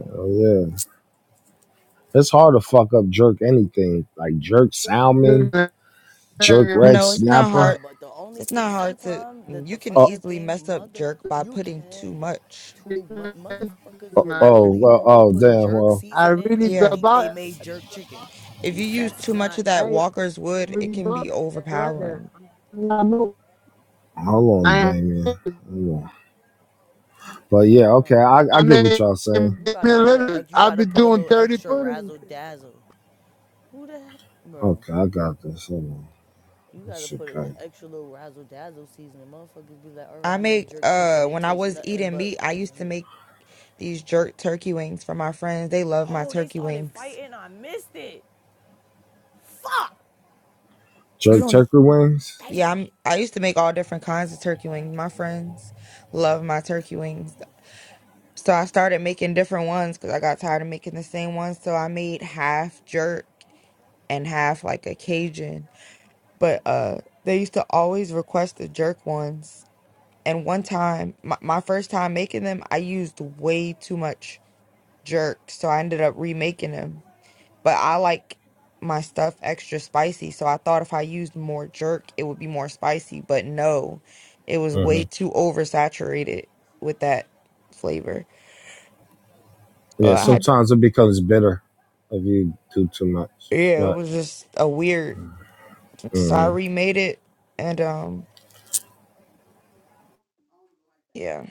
Speaker 1: Oh yeah. It's hard to fuck up jerk anything. Like jerk salmon, jerk red
Speaker 6: No, it's not
Speaker 5: No,
Speaker 6: hard.
Speaker 1: snapper.
Speaker 5: but the only
Speaker 6: It's not
Speaker 5: thing
Speaker 6: hard to.
Speaker 5: sometimes that
Speaker 6: You
Speaker 5: the
Speaker 6: can
Speaker 5: fuck
Speaker 1: Oh
Speaker 5: that
Speaker 6: easily mess
Speaker 5: thing
Speaker 6: up
Speaker 5: mother
Speaker 6: jerk by
Speaker 5: you
Speaker 6: putting too
Speaker 5: can
Speaker 6: much.
Speaker 5: too. mo-
Speaker 14: know.
Speaker 5: motherfuckers
Speaker 1: oh,
Speaker 5: will
Speaker 1: oh
Speaker 5: literally
Speaker 1: well
Speaker 5: only
Speaker 1: oh
Speaker 5: put
Speaker 1: damn
Speaker 5: jerk
Speaker 1: well
Speaker 14: I
Speaker 5: seasoning
Speaker 14: really
Speaker 5: and
Speaker 14: be
Speaker 6: Yeah.
Speaker 5: think
Speaker 14: about
Speaker 5: they
Speaker 14: it.
Speaker 5: made jerk chicken.
Speaker 6: If
Speaker 5: N-
Speaker 6: you use
Speaker 5: That's
Speaker 6: too much
Speaker 5: not
Speaker 6: of that
Speaker 5: jerk.
Speaker 14: I
Speaker 6: Walker's Wood,
Speaker 14: really
Speaker 6: it can
Speaker 14: about
Speaker 6: be
Speaker 14: it right there.
Speaker 6: overpowering.
Speaker 14: I know.
Speaker 1: hold on
Speaker 14: I am.
Speaker 1: Damien. Hold on. But yeah,
Speaker 5: Uh uh
Speaker 1: okay, I, I
Speaker 14: My
Speaker 1: get
Speaker 14: name
Speaker 1: what
Speaker 14: is
Speaker 1: y'all saying.
Speaker 14: Damian
Speaker 5: You gotta put a
Speaker 14: Lillard.
Speaker 5: ex- you
Speaker 14: I've
Speaker 5: gotta
Speaker 14: been
Speaker 5: put a
Speaker 14: doing
Speaker 5: little
Speaker 14: 30
Speaker 5: extra
Speaker 14: footers. and shit.
Speaker 5: razzle dazzle. Who the hell, bro?
Speaker 1: Okay, I got this. Hold on.
Speaker 5: You gotta
Speaker 1: It's
Speaker 5: put an
Speaker 1: okay.
Speaker 5: extra little razzle dazzle seasoning. Motherfuckers be like, all right,
Speaker 6: I
Speaker 5: I make
Speaker 6: make,
Speaker 5: jerk
Speaker 6: uh,
Speaker 5: chicken. It
Speaker 6: when I
Speaker 5: tastes
Speaker 6: was
Speaker 5: nothing
Speaker 6: eating
Speaker 5: but
Speaker 6: meat, I used to
Speaker 5: jerk.
Speaker 6: make these jerk turkey wings for my friends. They love my
Speaker 5: Oh, they
Speaker 6: turkey
Speaker 5: started
Speaker 6: wings.
Speaker 5: fighting. I missed it. Fuck.
Speaker 6: You
Speaker 1: Jerk
Speaker 6: don't.
Speaker 1: turkey wings?
Speaker 5: Damn.
Speaker 6: Yeah, I'm, I used to make all different kinds of turkey wings. My friends love my turkey
Speaker 5: Oh.
Speaker 6: wings. So I started making different ones because I got tired of making the same ones. So I made half jerk and half like a Cajun. But uh they used to always request the jerk ones. And one time, my, my first time making them, I used way too much jerk. So I ended up remaking them but I like my stuff extra spicy. So I thought if I used more jerk, it would be more spicy. But no, it was
Speaker 1: Mm-hmm.
Speaker 6: way too oversaturated with that flavor. So
Speaker 1: Yeah,
Speaker 6: I had,
Speaker 1: sometimes it becomes bitter if you do too much.
Speaker 6: yeah, it
Speaker 1: But
Speaker 6: was just a weird. So I
Speaker 1: mm,
Speaker 6: remade it, and um, yeah,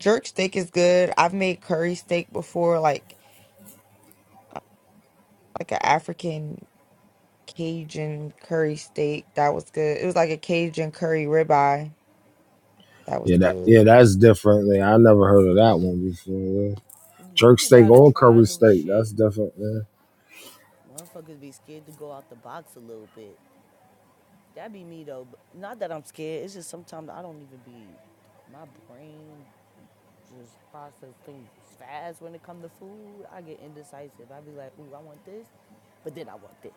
Speaker 6: jerk steak is good. I've made curry steak before, like like an African Cajun curry steak. That was good. It was like a Cajun curry ribeye. That was
Speaker 1: yeah, that
Speaker 6: good.
Speaker 1: yeah, that's different. Like, I never heard of that one before. Yeah. Jerk
Speaker 5: Niggas
Speaker 1: steak
Speaker 5: gotta
Speaker 1: or
Speaker 5: try
Speaker 1: curry
Speaker 5: new
Speaker 1: steak, that's
Speaker 5: shit.
Speaker 1: different. Yeah.
Speaker 5: Motherfuckers be scared to go out the box a little bit. That be me though. Not that I'm scared. It's just sometimes I don't even be. My brain just process things fast when it come to food. I get indecisive. I be like, ooh, I want this, but then I want this.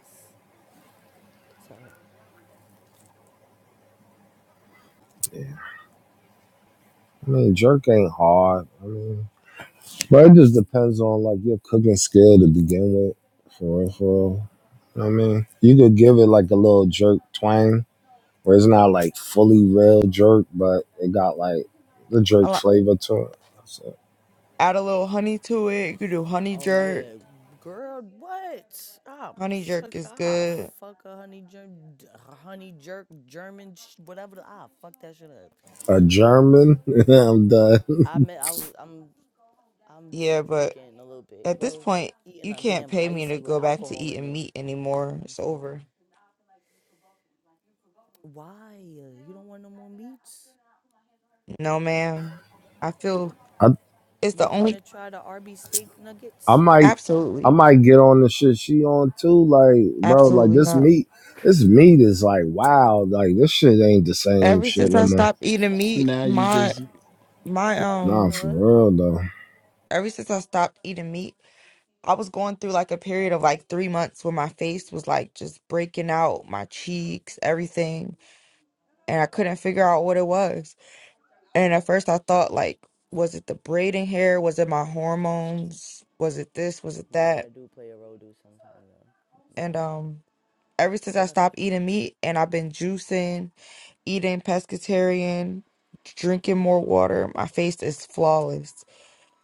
Speaker 5: So,
Speaker 1: I mean, jerk ain't hard. I mean, but it just depends on like your cooking skill to begin with. For real, for real. You know what I mean, you could give it like a little jerk twang, where it's not like fully real jerk, but it got like the jerk flavor to it. That's it.
Speaker 6: Add a little honey to it. You could do honey
Speaker 5: oh
Speaker 6: jerk.
Speaker 5: yeah, girl, what? Ah, oh,
Speaker 6: Honey jerk
Speaker 5: fuck
Speaker 6: is
Speaker 5: off.
Speaker 6: good.
Speaker 5: fuck a honey germ, honey jerk German, whatever. The, ah, fuck that shit up.
Speaker 1: A
Speaker 5: But
Speaker 1: German, I'm done.
Speaker 5: I met I was I'm I'm
Speaker 6: Yeah, but
Speaker 5: drinking a little bit.
Speaker 6: at this
Speaker 5: Well,
Speaker 6: point,
Speaker 5: eating
Speaker 6: you
Speaker 5: a
Speaker 6: can't
Speaker 5: damn
Speaker 6: pay me to
Speaker 5: icy with
Speaker 6: go back to
Speaker 5: alcohol in
Speaker 6: eating
Speaker 5: it.
Speaker 6: meat anymore.
Speaker 5: I'm
Speaker 6: It's
Speaker 5: smoking.
Speaker 6: over.
Speaker 5: Why? You don't want no more meats?
Speaker 6: No, ma'am. I
Speaker 5: Mm,
Speaker 6: feel
Speaker 1: I
Speaker 6: it's
Speaker 5: You
Speaker 6: the
Speaker 5: don't want
Speaker 6: only.
Speaker 5: to try the Arby steak
Speaker 1: I
Speaker 5: nuggets?
Speaker 1: might I
Speaker 6: Absolutely,
Speaker 1: might get on the shit she on too. Like, bro, like
Speaker 6: absolutely
Speaker 1: this
Speaker 6: not.
Speaker 1: meat this meat is like wow, like this shit ain't the same
Speaker 6: Ever
Speaker 1: shit
Speaker 6: since
Speaker 1: no
Speaker 6: I
Speaker 1: more.
Speaker 6: stopped eating meat,
Speaker 9: Now you
Speaker 6: my
Speaker 9: just
Speaker 6: my
Speaker 1: Nah,
Speaker 6: um.
Speaker 1: for
Speaker 5: Huh?
Speaker 1: real though.
Speaker 6: Ever since I stopped eating meat, I was going through like a period of like three months where my face was like just breaking out, my cheeks, everything, and I couldn't figure out what it was. And at first I thought like, was it the braiding hair? Was it my hormones? Was it this? Was it
Speaker 5: Yeah,
Speaker 6: that?
Speaker 5: that do play a role, do sometimes though. Yeah,
Speaker 6: And
Speaker 5: well,
Speaker 6: um ever since
Speaker 5: they
Speaker 6: I
Speaker 5: about to
Speaker 6: stopped eating
Speaker 5: fight.
Speaker 6: meat and I've been juicing, eating pescatarian, drinking more water, my face is flawless.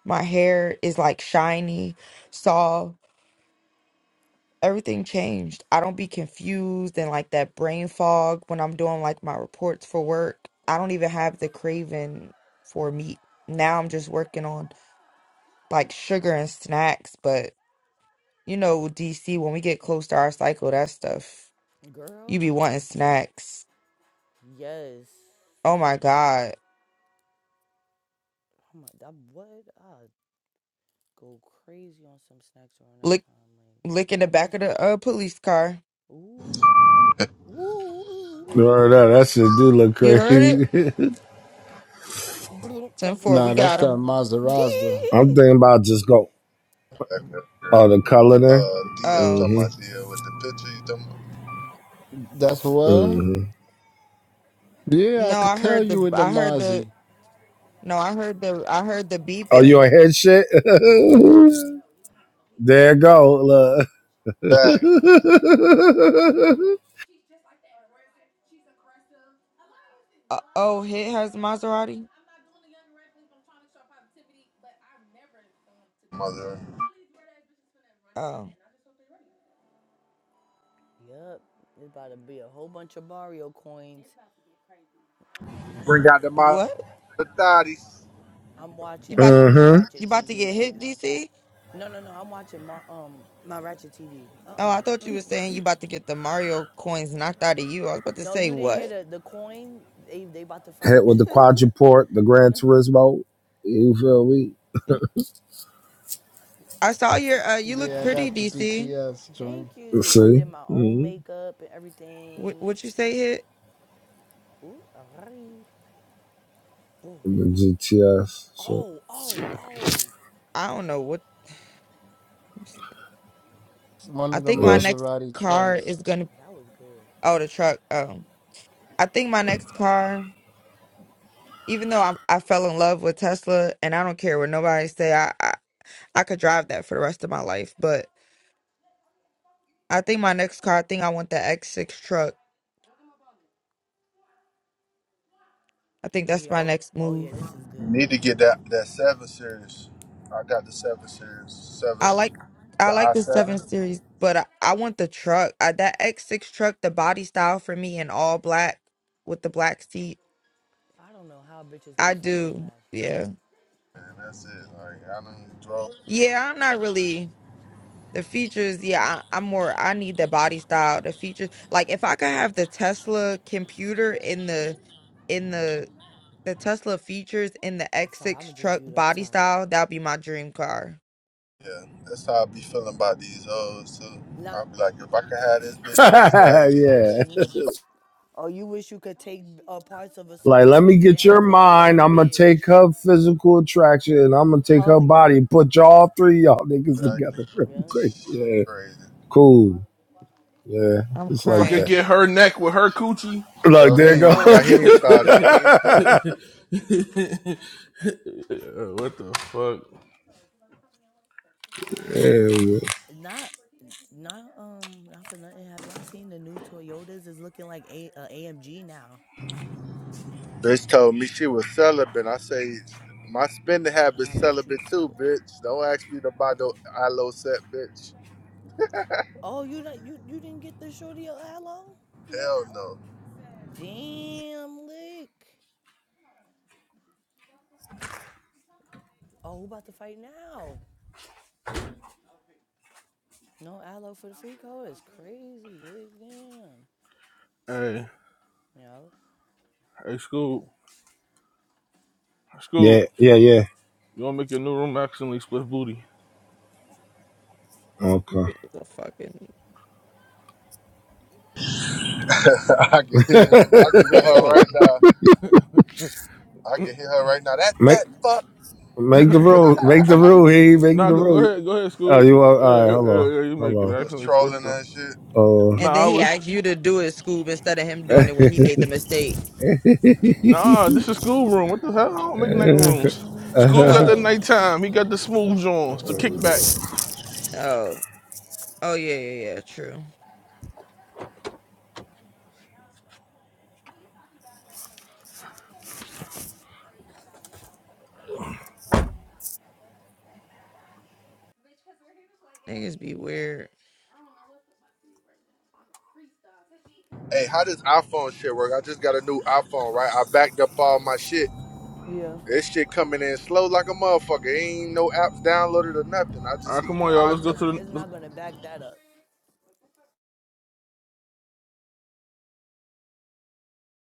Speaker 6: My hair is like shiny, soft. Everything changed. I don't be confused and like that brain fog when I'm doing like my reports for work. I don't even have the craving for meat. Now I'm just working on like sugar and snacks, but you know, DC, when we get close to our cycle, that stuff, you
Speaker 5: Girl?
Speaker 6: be wanting snacks.
Speaker 5: Yes.
Speaker 6: Oh my God.
Speaker 5: Oh my, that what? I go crazy on some snacks around that
Speaker 6: Lick,
Speaker 5: time.
Speaker 6: lick in
Speaker 5: Like,
Speaker 6: the
Speaker 5: I
Speaker 6: back of
Speaker 5: mostly,
Speaker 6: the uh, police car.
Speaker 5: ooh, ooh, ooh,
Speaker 1: Bro, that, that shit do look
Speaker 6: You heard it?
Speaker 1: crazy.
Speaker 5: ooh.
Speaker 6: Ten
Speaker 5: 10
Speaker 6: four.
Speaker 5: 4.
Speaker 6: we
Speaker 9: nah. That's
Speaker 5: got
Speaker 6: got
Speaker 9: that
Speaker 5: him.
Speaker 6: him.
Speaker 9: Maserati.
Speaker 1: I'm thinking about just go
Speaker 15: That girl.
Speaker 1: oh the color then.
Speaker 15: Uh, Dia, I'm
Speaker 6: Oh,
Speaker 15: talking about
Speaker 1: Mm-hmm.
Speaker 15: Dia with the picture. You talking about
Speaker 9: That's what.
Speaker 1: Mm-hmm.
Speaker 9: Yeah, I
Speaker 6: no,
Speaker 9: could
Speaker 6: I
Speaker 9: tell
Speaker 6: heard the,
Speaker 9: you in the
Speaker 6: I heard the,
Speaker 9: Mozzie.
Speaker 6: no, I heard the, I heard the
Speaker 1: Oh, you
Speaker 6: beeping.
Speaker 1: on head shit? there it go. Look.
Speaker 15: that
Speaker 6: Uh, oh, hit has a Maserati?
Speaker 15: mother?
Speaker 6: Oh,
Speaker 5: Yep, it's about to be a whole bunch of Mario coins.
Speaker 15: Bring out the mother
Speaker 6: what?
Speaker 15: thotties.
Speaker 5: I'm
Speaker 6: You
Speaker 5: watching. I'm
Speaker 6: about,
Speaker 5: watching
Speaker 1: mm-hmm.
Speaker 6: you
Speaker 5: Ratchet
Speaker 6: about to
Speaker 5: TV
Speaker 6: get
Speaker 5: right
Speaker 6: hit,
Speaker 5: now.
Speaker 6: DC?
Speaker 5: No, no, no. I'm watching my um my Ratchet TV.
Speaker 6: Oh,
Speaker 5: Uh,
Speaker 6: I thought
Speaker 5: uh
Speaker 6: you were saying you about to get the Mario coins knocked out of you. I was about to
Speaker 5: No,
Speaker 6: say,
Speaker 5: you didn't
Speaker 6: what?
Speaker 5: hear the the coin. They they about to fight.
Speaker 1: Hit with the quadruport, the Gran
Speaker 5: no.
Speaker 1: Turismo. You feel me?
Speaker 6: I saw your. Uh, you look
Speaker 9: Yeah, I
Speaker 6: pretty,
Speaker 9: got the
Speaker 6: DC.
Speaker 9: GTS joint.
Speaker 5: Thank you. I
Speaker 1: See?
Speaker 5: did my own
Speaker 1: hmm
Speaker 5: makeup and
Speaker 6: What
Speaker 5: everything.
Speaker 6: what you say hit?
Speaker 5: Ooh, alright. Boom.
Speaker 1: The GTS. So,
Speaker 5: Oh, oh, oh.
Speaker 6: I don't know what.
Speaker 9: It's one
Speaker 6: I
Speaker 9: of the
Speaker 6: think my
Speaker 1: yes.
Speaker 6: next
Speaker 9: Maserati
Speaker 6: car
Speaker 9: trucks.
Speaker 6: is gonna.
Speaker 5: That was good.
Speaker 6: Oh, the truck. Um, I think my next car. Even though I I fell in love with Tesla, and I don't care what nobody say. I, I I could drive that for the rest of my life. But I think my next car. I think I want the X6 truck. I think that's
Speaker 5: Yeah.
Speaker 6: my
Speaker 5: Oh,
Speaker 6: next
Speaker 5: oh, yeah.
Speaker 6: move.
Speaker 5: This is
Speaker 15: You
Speaker 5: good.
Speaker 15: need to get that that seven series. I got the seven series,
Speaker 6: I
Speaker 15: seven,
Speaker 6: like I
Speaker 15: The
Speaker 6: like
Speaker 15: I
Speaker 6: the seven
Speaker 15: seven.
Speaker 6: series, but I, I want the truck. Uh, that X6 truck, the body style for me in all black with the black seat.
Speaker 5: I don't know how bitches
Speaker 6: I
Speaker 5: could fight with
Speaker 6: do.
Speaker 5: lashes.
Speaker 6: Yeah.
Speaker 15: and that's it. Like I done drove.
Speaker 6: Yeah, I'm not really the features. Yeah, I, I'm more I need the body style, the features. Like if I could have the Tesla computer in the in the the Tesla features in the
Speaker 5: I'm sorry. I'ma
Speaker 6: X6
Speaker 5: just
Speaker 6: truck
Speaker 5: build up.
Speaker 6: body
Speaker 5: Sorry.
Speaker 6: style, that'd be my dream car.
Speaker 15: Yeah, that's how I be feeling about these hoes too.
Speaker 5: Nah.
Speaker 15: I be like, if I could have this bitch personality with
Speaker 5: Oh,
Speaker 1: yeah.
Speaker 15: this
Speaker 5: Damn.
Speaker 15: bitch,
Speaker 5: Oh, you wish you could take uh, parts of a
Speaker 1: Like,
Speaker 5: certain
Speaker 1: let me
Speaker 5: bitch and
Speaker 1: get your
Speaker 5: have her in
Speaker 1: mind.
Speaker 5: one
Speaker 1: I'm going to take
Speaker 5: bitch.
Speaker 1: her physical attraction and I'm going to take
Speaker 5: Huh?
Speaker 1: her
Speaker 5: Yeah.
Speaker 1: body and put y'all three y'all niggas
Speaker 15: body, I can.
Speaker 1: together real
Speaker 5: Yeah.
Speaker 1: quick. Yeah.
Speaker 15: Shit, crazy.
Speaker 1: Cool. Yeah.
Speaker 6: I'm
Speaker 1: It's
Speaker 13: If I
Speaker 1: like
Speaker 13: could
Speaker 1: that.
Speaker 6: crying.
Speaker 13: get her neck with her coochie,
Speaker 1: Look,
Speaker 15: Yo, he
Speaker 1: there
Speaker 13: and,
Speaker 1: go.
Speaker 15: ain't,
Speaker 13: um,
Speaker 15: got. he ain't started. He ain't started.
Speaker 13: Uh, what the fuck?
Speaker 1: yeah,
Speaker 5: Not. Not um. Not for nothing. Have y'all seen the new Toyotas? It's looking like a uh, AMG now.
Speaker 15: Bitch told me she was celibate. I say my spending
Speaker 5: Nah,
Speaker 15: habits
Speaker 5: bitch, you
Speaker 15: celibate
Speaker 5: selling
Speaker 15: too,
Speaker 5: it.
Speaker 15: bitch. Don't ask me to buy no ILO set, bitch.
Speaker 5: Oh, you not you you didn't get the shorty of aloe? No
Speaker 15: Hell no.
Speaker 5: aloe? Damn lick. Oh, who about to fight now? No aloe for the free call is crazy. Lick damn.
Speaker 13: Hey,
Speaker 5: You know?
Speaker 13: hey, Scoop, Scoop,
Speaker 1: yeah, yeah, yeah.
Speaker 13: you want to make your new room accidentally split booty?
Speaker 1: Okay.
Speaker 6: It's a fucking
Speaker 15: I can hear I can hear her
Speaker 6: Lord.
Speaker 15: right now. I can hear her right now. That
Speaker 1: Make
Speaker 15: fat fuck.
Speaker 1: make the rule. Make the
Speaker 13: N-
Speaker 1: rule. He
Speaker 13: n-
Speaker 1: make
Speaker 13: Nah,
Speaker 1: the
Speaker 13: go, go
Speaker 1: rule.
Speaker 13: ahead, go ahead,
Speaker 1: Oh,
Speaker 13: Scoop.
Speaker 1: you are,
Speaker 13: Uh, uh,
Speaker 1: all right?
Speaker 13: uh, you make it
Speaker 1: Hello,
Speaker 15: He was
Speaker 13: accidentally split
Speaker 15: trolling
Speaker 13: them.
Speaker 15: her and shit.
Speaker 1: hello.
Speaker 6: And
Speaker 13: Nah,
Speaker 6: then
Speaker 13: I
Speaker 6: he
Speaker 13: was,
Speaker 6: asked you to do it, Scoob, instead of him doing it
Speaker 1: Oh,
Speaker 6: when he made the mistake.
Speaker 13: nah, this is school room. What the hell? I don't make night
Speaker 1: Uh,
Speaker 13: rooms. School got
Speaker 1: uh
Speaker 13: the
Speaker 6: Oh,
Speaker 13: nighttime. He got the smooth joints, the kickback.
Speaker 6: oh, oh yeah, yeah, yeah, true. Niggas be weird.
Speaker 15: Hey, how does iPhone shit work? I just got a new iPhone, right? I backed up all my shit.
Speaker 5: Yeah.
Speaker 15: This shit coming in slow like a motherfucker. Ain't no apps downloaded or nothing. I
Speaker 13: All
Speaker 15: just
Speaker 13: right,
Speaker 15: see
Speaker 13: come on,
Speaker 5: No,
Speaker 13: y'all.
Speaker 5: it's
Speaker 13: Let's
Speaker 15: content.
Speaker 13: go
Speaker 5: not
Speaker 13: to the
Speaker 5: it's not gonna back that up.